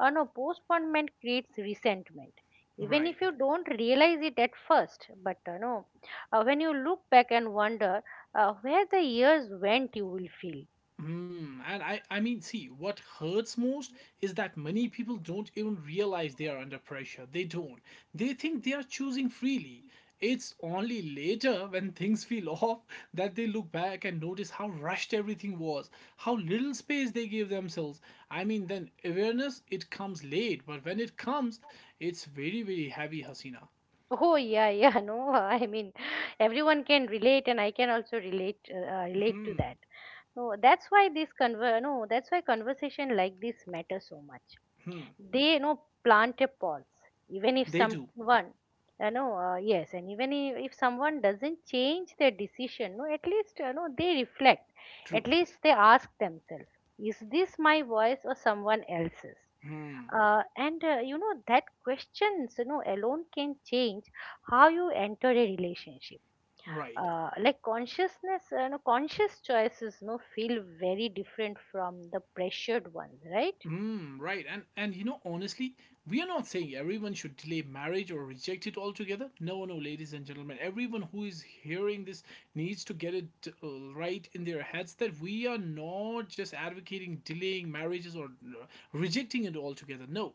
Speaker 2: uh, no postponement creates resentment, even if
Speaker 1: right.
Speaker 2: you don't realize it at first. But uh, no, uh, when you look back and wonder uh, where the years went, you will feel.
Speaker 1: Hmm, and I, I mean, see, what hurts most is that many people don't even realize they are under pressure. They don't. They think they are choosing freely. It's only later, when things feel off, that they look back and notice how rushed everything was, how little space they gave themselves. I mean, then awareness, it comes late, but when it comes, it's very, very heavy, Hasina.
Speaker 2: Oh yeah, yeah. No, I mean, everyone can relate, and I can also relate uh, uh, relate to that. No, that's why this conver no, that's why conversation like this matters so much. They, you know, plant a pulse. Even if
Speaker 1: They do.
Speaker 2: someone you know uh, yes and even if, if someone doesn't change their decision, no, at least you know they reflect.
Speaker 1: True.
Speaker 2: At least they ask themselves, is this my voice or someone else's?
Speaker 1: Hmm.
Speaker 2: Uh, and uh, you know that questions you know alone can change how you enter a relationship.
Speaker 1: Right.
Speaker 2: Uh, like consciousness, you know conscious choices, you know feel very different from the pressured ones, right?
Speaker 1: Hmm. Right. And and you know, honestly, we are not saying everyone should delay marriage or reject it altogether. No, no, ladies and gentlemen, everyone who is hearing this needs to get it uh, right in their heads that we are not just advocating delaying marriages or uh, rejecting it altogether. No,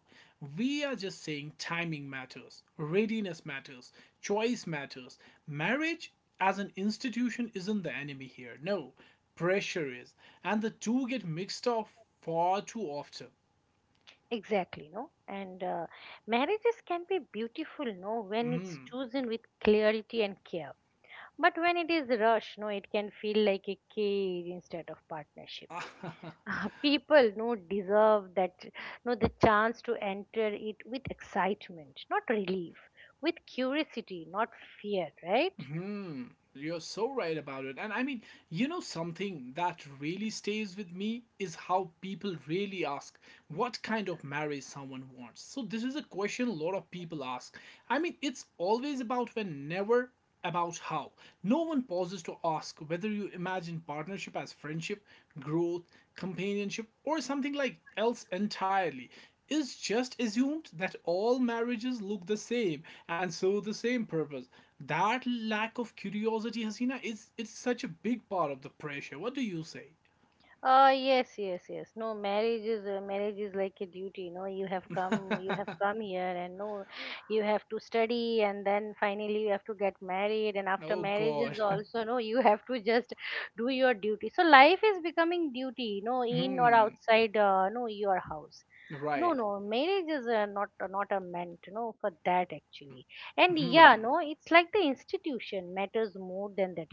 Speaker 1: we are just saying timing matters, readiness matters, choice matters. Marriage as an institution isn't the enemy here. No, pressure is, and the two get mixed up far too often.
Speaker 2: Exactly, no? And uh, marriages can be beautiful, no, when it's chosen with clarity and care. But when it is rushed, no, it can feel like a cage instead of partnership. People, no, deserve that, no, the chance to enter it with excitement, not relief, with curiosity, not fear, right?
Speaker 1: Hmm, you're so right about it. And I mean, you know, something that really stays with me is how people really ask what kind of marriage someone wants. So, this is a question a lot of people ask. I mean, it's always about when, never about how. No one pauses to ask whether you imagine partnership as friendship, growth, companionship, or something like else entirely. Is just assumed that all marriages look the same and serve the same purpose. That lack of curiosity, Hasina, is, it's such a big part of the pressure. What do you say?
Speaker 2: Uh, yes, yes, yes. No, marriage is uh, marriage is like a duty. No, you have come, you have come here, and, no, you have to study, and then finally you have to get married, and after
Speaker 1: Oh
Speaker 2: marriage is
Speaker 1: God.
Speaker 2: also, no, you have to just do your duty. So life is becoming duty, no, in or
Speaker 1: Hmm,
Speaker 2: outside, uh, no, your house. No,
Speaker 1: right.
Speaker 2: no, marriage is, uh, not not a meant, no, for that actually. And
Speaker 1: Hmm.
Speaker 2: yeah, no, it's like the institution matters more than that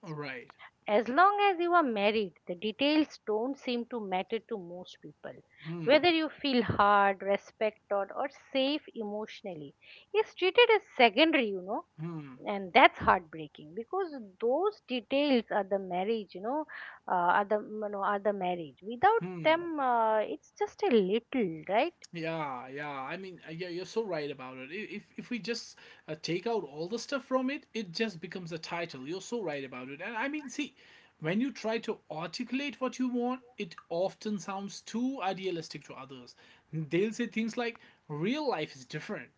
Speaker 1: All right.
Speaker 2: As long as you are married, the details don't seem to matter to most people.
Speaker 1: Hmm.
Speaker 2: Whether you feel hard, respected, or safe emotionally is treated as secondary, you know,
Speaker 1: Hmm.
Speaker 2: and that's heartbreaking because those details are the marriage, you know, uh, are the you know, are the marriage. Without
Speaker 1: Hmm.
Speaker 2: them, uh, it's just a little, right?
Speaker 1: Yeah, yeah. I mean, uh, yeah, you're so right about it. I- If if we just uh, take out all the stuff from it, it just becomes a title. You're so right about it. And I mean, see, when you try to articulate what you want, it often sounds too idealistic to others. They'll say things like, "Real life is different,"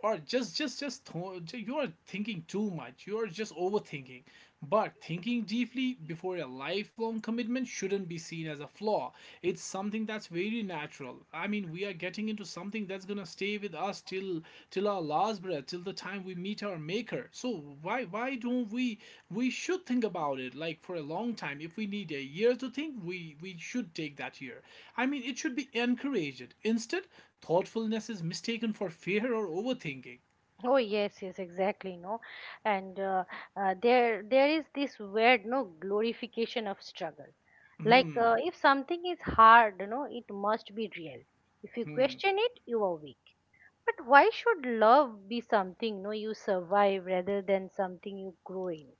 Speaker 1: or just just just th- you're thinking too much, you're just overthinking. But thinking deeply before a lifelong commitment shouldn't be seen as a flaw. It's something that's very natural. I mean, we are getting into something that's going to stay with us till till our laws, till the time we meet our maker. So why why don't we we should think about it like for a long time. If we need a year to think, we we should take that year. I mean it should be encouraged. Instead, thoughtfulness is mistaken for fear or overthinking.
Speaker 2: Oh yes, yes, exactly. No, and uh, uh, there there is this weird, no, glorification of struggle. Like
Speaker 1: Hmm,
Speaker 2: uh, if something is hard, you know, it must be real. If you
Speaker 1: hmm,
Speaker 2: question it, you are weak. But why should love be something, no, you survive rather than something you grow in?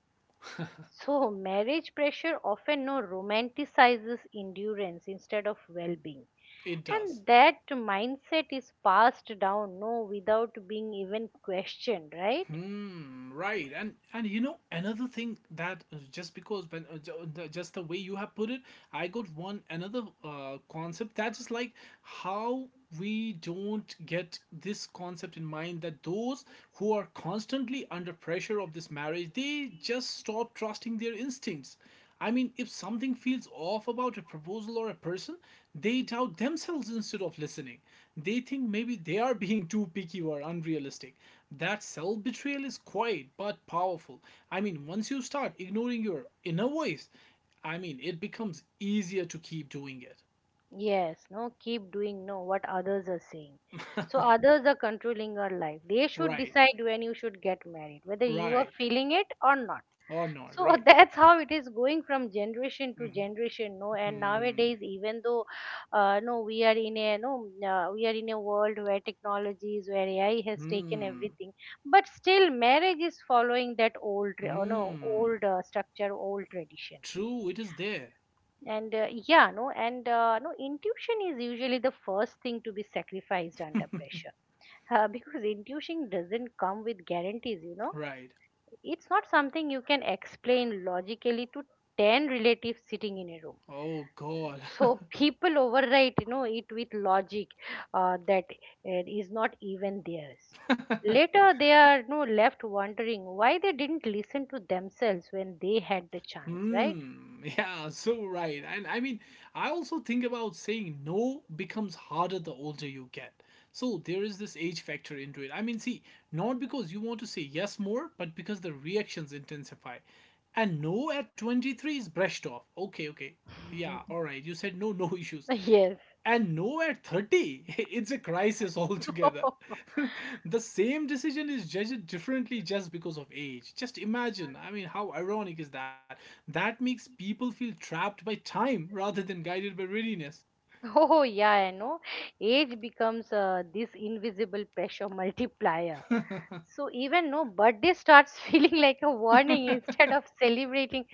Speaker 2: So marriage pressure often, no, romanticizes endurance instead of well-being.
Speaker 1: it does.
Speaker 2: And that mindset is passed down, no, without being even questioned, right?
Speaker 1: Hmm, right. And and you know another thing that uh, just because when uh, ju- the- just the way you have put it, I got one another uh, concept that is like how we don't get this concept in mind that those who are constantly under pressure of this marriage, they just stop trusting their instincts. I mean, if something feels off about a proposal or a person, they doubt themselves instead of listening. They think maybe they are being too picky or unrealistic. That self betrayal is quiet but powerful. I mean, once you start ignoring your inner voice, I mean, it becomes easier to keep doing it.
Speaker 2: Yes, no, keep doing, no, what others are saying. So others are controlling your life. They should
Speaker 1: Right,
Speaker 2: decide when you should get married, whether you are
Speaker 1: right,
Speaker 2: feeling it or not.
Speaker 1: or not,
Speaker 2: So
Speaker 1: right.
Speaker 2: that's how it is going from generation to
Speaker 1: Mm-hmm.
Speaker 2: generation, no. And
Speaker 1: Hmm,
Speaker 2: nowadays, even though, uh, no, we are in a no uh, we are in a world where technologies, where AI has taken
Speaker 1: hmm,
Speaker 2: everything. But still, marriage is following that, old tra- uh, no,
Speaker 1: hmm.
Speaker 2: old, uh, structure, old tradition.
Speaker 1: True, it is there.
Speaker 2: And uh, yeah, no, and uh, no, intuition is usually the first thing to be sacrificed under pressure. Uh, because intuition doesn't come with guarantees you know
Speaker 1: Right.
Speaker 2: It's not something you can explain logically to ten relatives sitting in a room.
Speaker 1: Oh, God.
Speaker 2: So people overwrite, you know, it with logic, uh, that it is not even theirs. Later, they are, you know, left wondering why they didn't listen to themselves when they had the chance, right?
Speaker 1: Hmm. Yeah, so right. And I mean, I also think about saying no becomes harder the older you get. So there is this age factor into it. I mean, see, not because you want to say yes more, but because the reactions intensify. And no at twenty-three is brushed off. Okay, okay. Yeah, all right. You said no, no issues.
Speaker 2: Yes.
Speaker 1: And no, at thirty, it's a crisis altogether. The same decision is judged differently just because of age. Just imagine, I mean, how ironic is that? That makes people feel trapped by time rather than guided by readiness.
Speaker 2: Oh yeah, I know. Age becomes, uh, this invisible pressure multiplier. So even, no, birthday starts feeling like a warning instead of celebrating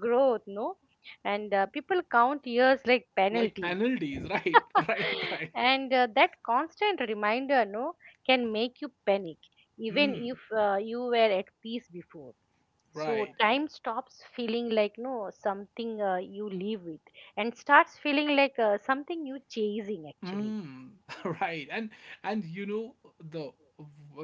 Speaker 2: growth, no? And uh, people count years like
Speaker 1: Like
Speaker 2: penalties.
Speaker 1: penalties, right? Right, right.
Speaker 2: And uh, that constant reminder, no, can make you panic, even
Speaker 1: Hmm,
Speaker 2: if uh, you were at peace before. So
Speaker 1: right.
Speaker 2: time stops feeling like, no, something uh, you live with, and starts feeling like, uh, something you chasing actually.
Speaker 1: Mm, right, and and you know the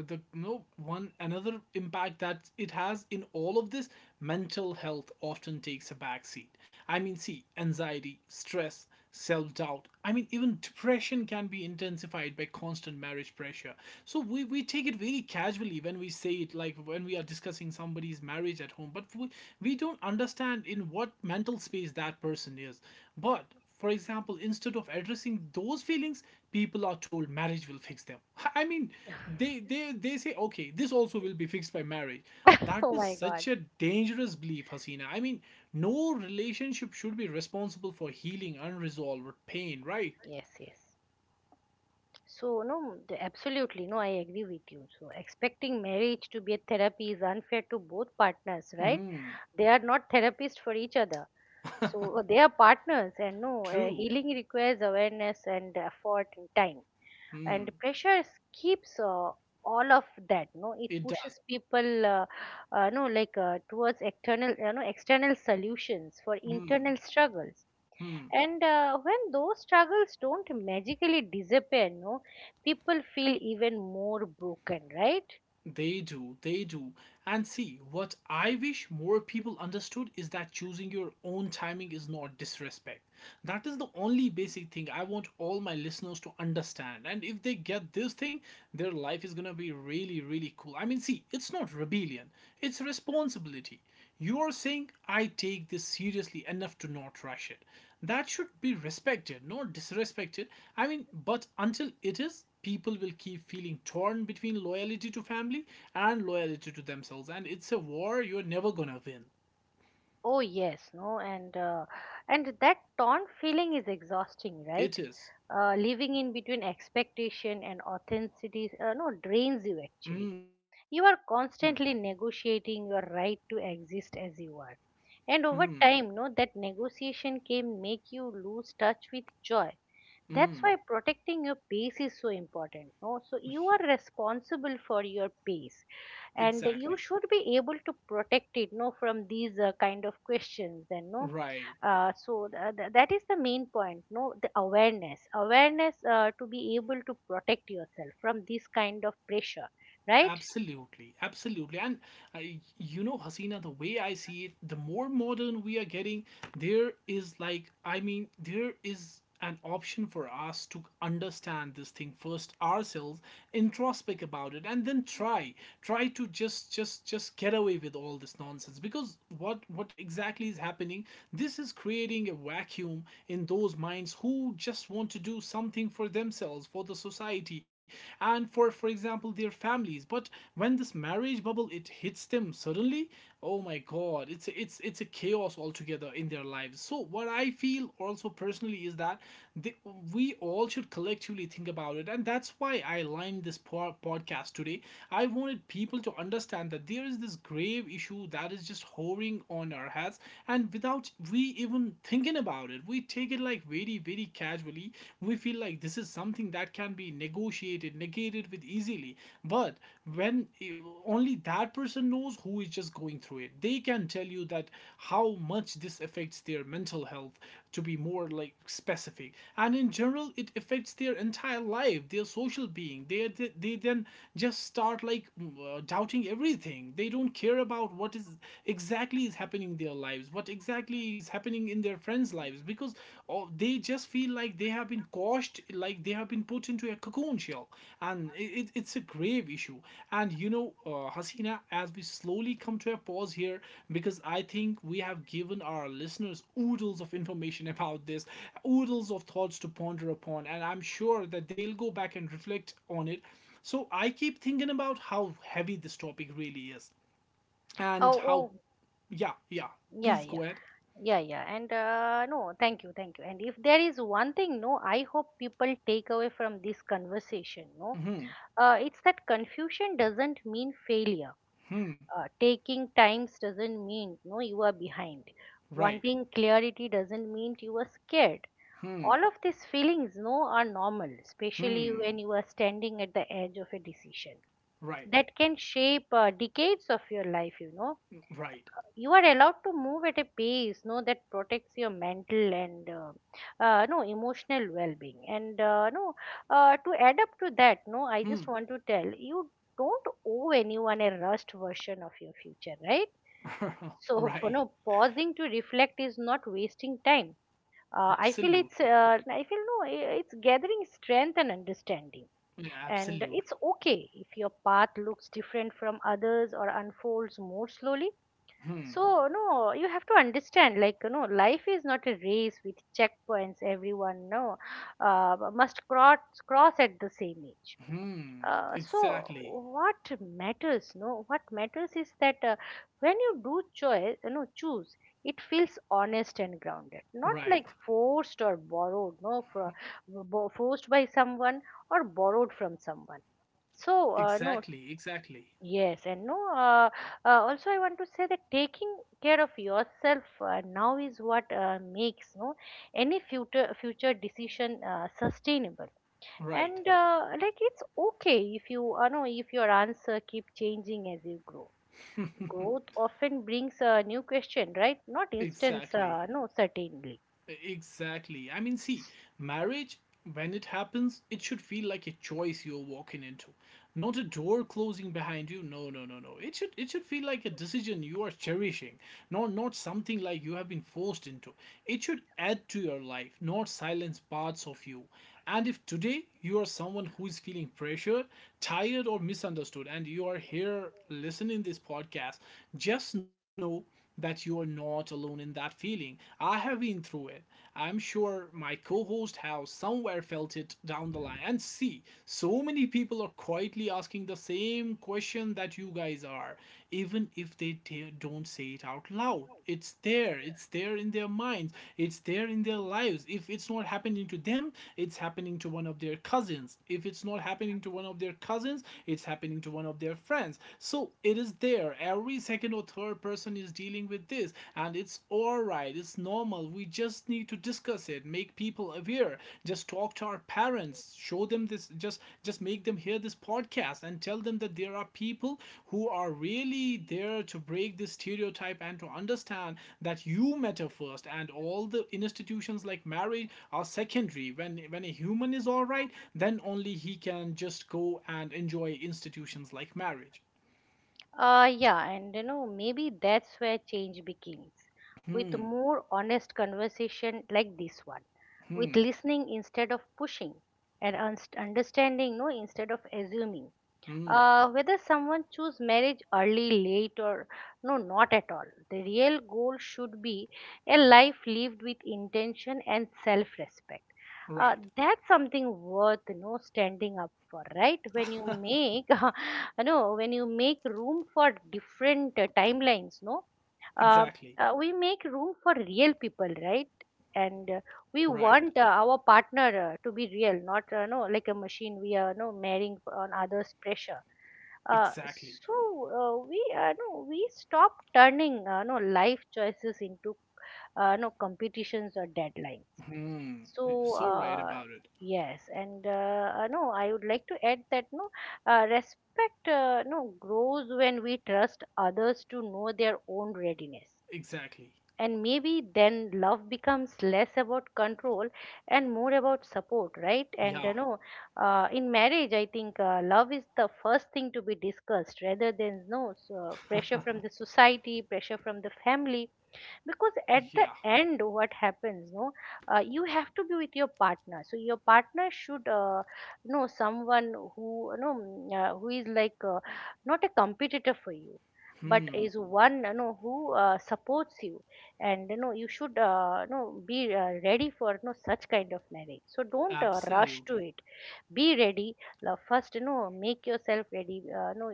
Speaker 1: the no one another impact that it has in all of this, mental health often takes a back seat. I mean, see, anxiety, stress, self doubt. I mean, even depression can be intensified by constant marriage pressure. So we we take it very casually when we say it, like when we are discussing somebody's marriage at home, but we we don't understand in what mental space that person is. But for example, instead of addressing those feelings, people are told marriage will fix them. I mean, they they they say, okay, this also will be fixed by marriage. That
Speaker 2: Oh
Speaker 1: is
Speaker 2: my god.
Speaker 1: such a dangerous belief, Hasina. I mean, no relationship should be responsible for healing unresolved pain, right?
Speaker 2: Yes, yes. So, no, the- absolutely. No, I agree with you. So expecting marriage to be a therapy is unfair to both partners, right?
Speaker 1: Mm.
Speaker 2: They are not therapists for each other. So they are partners, and, no, uh,
Speaker 1: True.
Speaker 2: healing requires awareness and effort and time.
Speaker 1: Hmm.
Speaker 2: And pressure s- keeps, uh, all of that, no, it
Speaker 1: It does.
Speaker 2: pushes people, uh, uh, no, like, uh, towards external, you know external solutions for
Speaker 1: Hmm.
Speaker 2: internal struggles.
Speaker 1: Hmm.
Speaker 2: And, uh, when those struggles don't magically disappear, no, people feel even more broken, right?
Speaker 1: They do, they do. And see, what I wish more people understood is that choosing your own timing is not disrespect. That is the only basic thing I want all my listeners to understand. And if they get this thing, their life is gonna be really, really cool. I mean, see, it's not rebellion, it's responsibility. You're saying, I take this seriously enough to not rush it. That should be respected, not disrespected. I mean, but until it is, people will keep feeling torn between loyalty to family and loyalty to themselves. And it's a war you're never gonna win.
Speaker 2: Oh yes, no, and uh, and that torn feeling is exhausting,
Speaker 1: It
Speaker 2: right?
Speaker 1: is.
Speaker 2: Uh, living in between expectation and authenticity, uh, no, drains you actually.
Speaker 1: Mm,
Speaker 2: You are constantly negotiating your right to exist as you are. And
Speaker 1: hmm,
Speaker 2: over time, no, that negotiation can make you lose touch with joy. That's
Speaker 1: mm.
Speaker 2: why protecting your pace is so important. No? So you are responsible for your pace, and you
Speaker 1: Exactly.
Speaker 2: should be able to protect it, no, from these, uh, kind of questions and no.
Speaker 1: Right.
Speaker 2: Uh, so th- th- that is the main point. No, the awareness, awareness, uh, to be able to protect yourself from this kind of pressure, right?
Speaker 1: Absolutely, absolutely, and uh, you know, Hasina, the way I see it, the more modern we are getting, there is like, I mean, there is an option for us to understand this thing first ourselves, introspect about it, and then try, try to just, just, just get away with all this nonsense. Because what, what exactly is happening? This is creating a vacuum in those minds who just want to do something for themselves, for the society, and for for for example their families. But when this marriage bubble, it hits them suddenly, oh my god, it's a, it's it's a chaos altogether in their lives. So what I feel also personally is that they, we all should collectively think about it, and that's why I lined this po- podcast today. I wanted people to understand that there is this grave issue that is just hovering on our heads, and without we even thinking about it, we take it like very very casual. Gradually, we feel like this is something that can be negotiated, negated with easily. But when eh, only that person knows who is just going through it, they can tell you that how much this affects their mental health, to be more like specific. And in general, it affects their entire life, their social being. They they, they then just start like mm, uh, doubting everything. They don't care about what is exactly is happening in their lives, what exactly exactly is happening in their friends' lives, because oh, they just feel like they have been quashed, like they have been put into a cocoon shell, and it, it's a grave issue. And you know, uh, Hasina, as we slowly come to a pause here, because I think we have given our listeners oodles of information about this, oodles of thoughts to ponder upon, and I'm sure that they'll go back and reflect on it. So I keep thinking about how heavy this topic really is and
Speaker 2: Oh,
Speaker 1: how,
Speaker 2: oh.
Speaker 1: yeah, yeah,
Speaker 2: Yeah,
Speaker 1: please go
Speaker 2: yeah,
Speaker 1: ahead.
Speaker 2: yeah, yeah. And uh, no, thank you, thank you. And if there is one thing, no, I hope people take away from this conversation, no,
Speaker 1: Mm-hmm.
Speaker 2: uh, it's that confusion doesn't mean failure.
Speaker 1: Hmm.
Speaker 2: Uh, taking times doesn't mean, no, you are behind.
Speaker 1: Right.
Speaker 2: Wanting clarity doesn't mean you are scared.
Speaker 1: Hmm.
Speaker 2: All of these feelings, no, are normal, especially
Speaker 1: Hmm.
Speaker 2: when you are standing at the edge of a decision
Speaker 1: Right.
Speaker 2: that can shape, uh, decades of your life. You know,
Speaker 1: Right.
Speaker 2: you are allowed to move at a pace, no, that protects your mental and, uh, uh, no, emotional well-being. And, uh, no, uh, to add up to that, no, I just
Speaker 1: Hmm.
Speaker 2: want to tell you, don't owe anyone a rushed version of your future, right?
Speaker 1: Right.
Speaker 2: So, you know, pausing to reflect is not wasting time, uh, I feel it's,
Speaker 1: Absolutely.
Speaker 2: uh, I feel, no, i- it's gathering strength and understanding.
Speaker 1: Yeah,
Speaker 2: And
Speaker 1: absolutely.
Speaker 2: it's okay if your path looks different from others or unfolds more slowly.
Speaker 1: Hmm.
Speaker 2: So, no, you have to understand, like, you know, life is not a race with checkpoints everyone, no, uh, must cross, cross at the same age.
Speaker 1: Hmm.
Speaker 2: Uh, so
Speaker 1: Exactly.
Speaker 2: what matters, no, what matters is that, uh, when you do choice, you know, choose, it feels honest and grounded, not like
Speaker 1: Right.
Speaker 2: forced or borrowed, no, for, bo- forced by someone or borrowed from someone. So,
Speaker 1: Exactly.
Speaker 2: uh, no,
Speaker 1: Exactly.
Speaker 2: yes, and no, uh, uh, also I want to say that taking care of yourself, uh, now is what, uh, makes, no, any future future decision, uh, sustainable.
Speaker 1: Right.
Speaker 2: And, uh, like it's okay if you, uh, know if your answer keep changing as you grow. Growth often brings a new question, right? Not instant,
Speaker 1: Exactly.
Speaker 2: uh, no, certainly.
Speaker 1: E, Exactly. I mean, see, marriage, when it happens, it should feel like a choice you're walking into, not a door closing behind you. No, no, no, no. It should it should feel like a decision you are cherishing, not not something like you have been forced into. It should add to your life, not silence parts of you. And if today you are someone who is feeling pressured, tired, or misunderstood, and you are here listening this podcast, just know that you are not alone in that feeling. I have been through it. I'm sure my co-host has somewhere felt it down the line. And see, so many people are quietly asking the same question that you guys are, even if they t- don't say it out loud. It's there, it's there in their minds, it's there in their lives. If it's not happening to them, it's happening to one of their cousins. If it's not happening to one of their cousins, it's happening to one of their friends. So it is there, every second or third person is dealing with this, and it's all right, it's normal. We just need to discuss it, make people aware, just talk to our parents, show them this, just just make them hear this podcast and tell them that there are people who are really there to break this stereotype and to understand that you matter first, and all the institutions like marriage are secondary. When when a human is all right, then only he can just go and enjoy institutions like marriage.
Speaker 2: Uh, yeah, and you know, maybe that's where change begins, with
Speaker 1: Hmm.
Speaker 2: more honest conversation like this one, with
Speaker 1: Hmm.
Speaker 2: listening instead of pushing, and unst- understanding, no, instead of assuming,
Speaker 1: Hmm.
Speaker 2: uh, whether someone choose marriage early, late, or no, not at all. The real goal should be a life lived with intention and self respect. Uh,
Speaker 1: Right.
Speaker 2: that's something worth, you know standing up for, right? When you make you know when you make room for different, uh, timelines, no. uh,
Speaker 1: Exactly.
Speaker 2: uh, we make room for real people, right? And,
Speaker 1: Right.
Speaker 2: uh, we want, uh, our partner, uh, to be real, not, uh, no, like a machine we are, no, marrying on others pressure. uh,
Speaker 1: Exactly.
Speaker 2: so, uh, we, uh, no, we stop turning, uh, no, life choices into, uh, no, competitions or deadlines.
Speaker 1: Hmm.
Speaker 2: So,
Speaker 1: So right
Speaker 2: uh,
Speaker 1: about it.
Speaker 2: yes. And, uh, uh, no, I would like to add that, no, uh, respect, uh, no, grows when we trust others to know their own readiness.
Speaker 1: Exactly.
Speaker 2: And maybe then love becomes less about control and more about support, right? And you
Speaker 1: Yeah.
Speaker 2: know uh, in marriage, I think, uh, love is the first thing to be discussed rather than, no, so, pressure from the society, pressure from the family. Because
Speaker 1: Yeah.
Speaker 2: at the end, what happens, no, uh, you have to be with your partner. So your partner should, uh, know someone who, you know mm, uh, who is like, uh, not a competitor for you, but
Speaker 1: Hmm.
Speaker 2: is one, you know who, uh, supports you. And you know you should, uh, you know be, uh, ready for, you know such kind of marriage. So don't, uh, rush to
Speaker 1: Absolutely.
Speaker 2: it. Be ready. Now, first, you know make yourself ready. uh, you know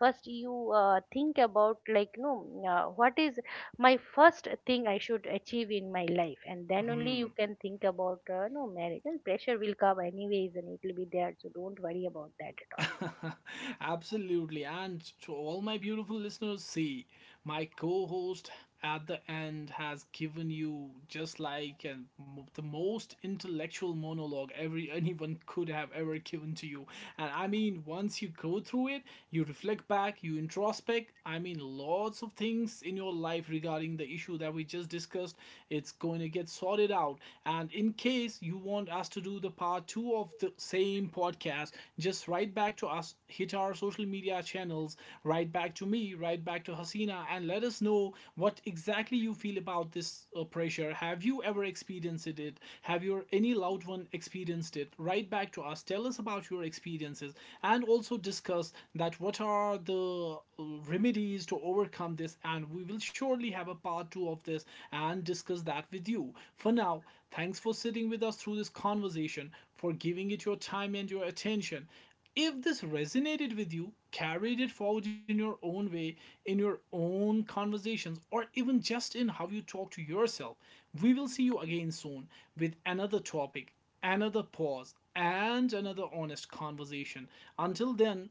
Speaker 2: First, you, uh, think about, like, no, uh, what is my first thing I should achieve in my life, and then only you
Speaker 1: Hmm.
Speaker 2: can think about, uh, no, marriage. And pressure will come anyways and it will be there, so don't worry about that at all.
Speaker 1: Absolutely. And to all my beautiful listeners, see, my co host at the end has given you just like an, the most intellectual monologue every anyone could have ever given to you. And I mean, once you go through it, you reflect back, you introspect. I mean, lots of things in your life regarding the issue that we just discussed, it's going to get sorted out. And in case you want us to do the part two of the same podcast, just write back to us, hit our social media channels, write back to me, write back to Hasina, and let us know what exactly you feel about this uh, pressure. Have you ever experienced it? Have your any loved one experienced it? Write back back to us, tell us about your experiences, and also discuss that what are the uh, remedies to overcome this. And we will surely have a part two of this and discuss that with you. For now, thanks for sitting with us through this conversation, for giving it your time and your attention. If this resonated with you, carried it forward in your own way, in your own conversations, or even just in how you talk to yourself, we will see you again soon with another topic, another pause, and another honest conversation. Until then,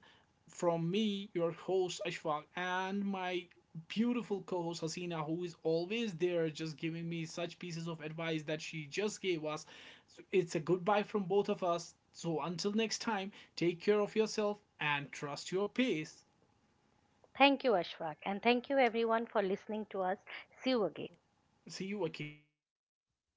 Speaker 1: from me, your host Ashfaq, and my beautiful co-host Hasina, who is always there, just giving me such pieces of advice that she just gave us. So it's a goodbye from both of us. So until next time, take care of yourself and trust your pace.
Speaker 2: Thank you, Ashfaq, and thank you everyone for listening to us. See you again.
Speaker 1: See you again. Bye bye. Take care.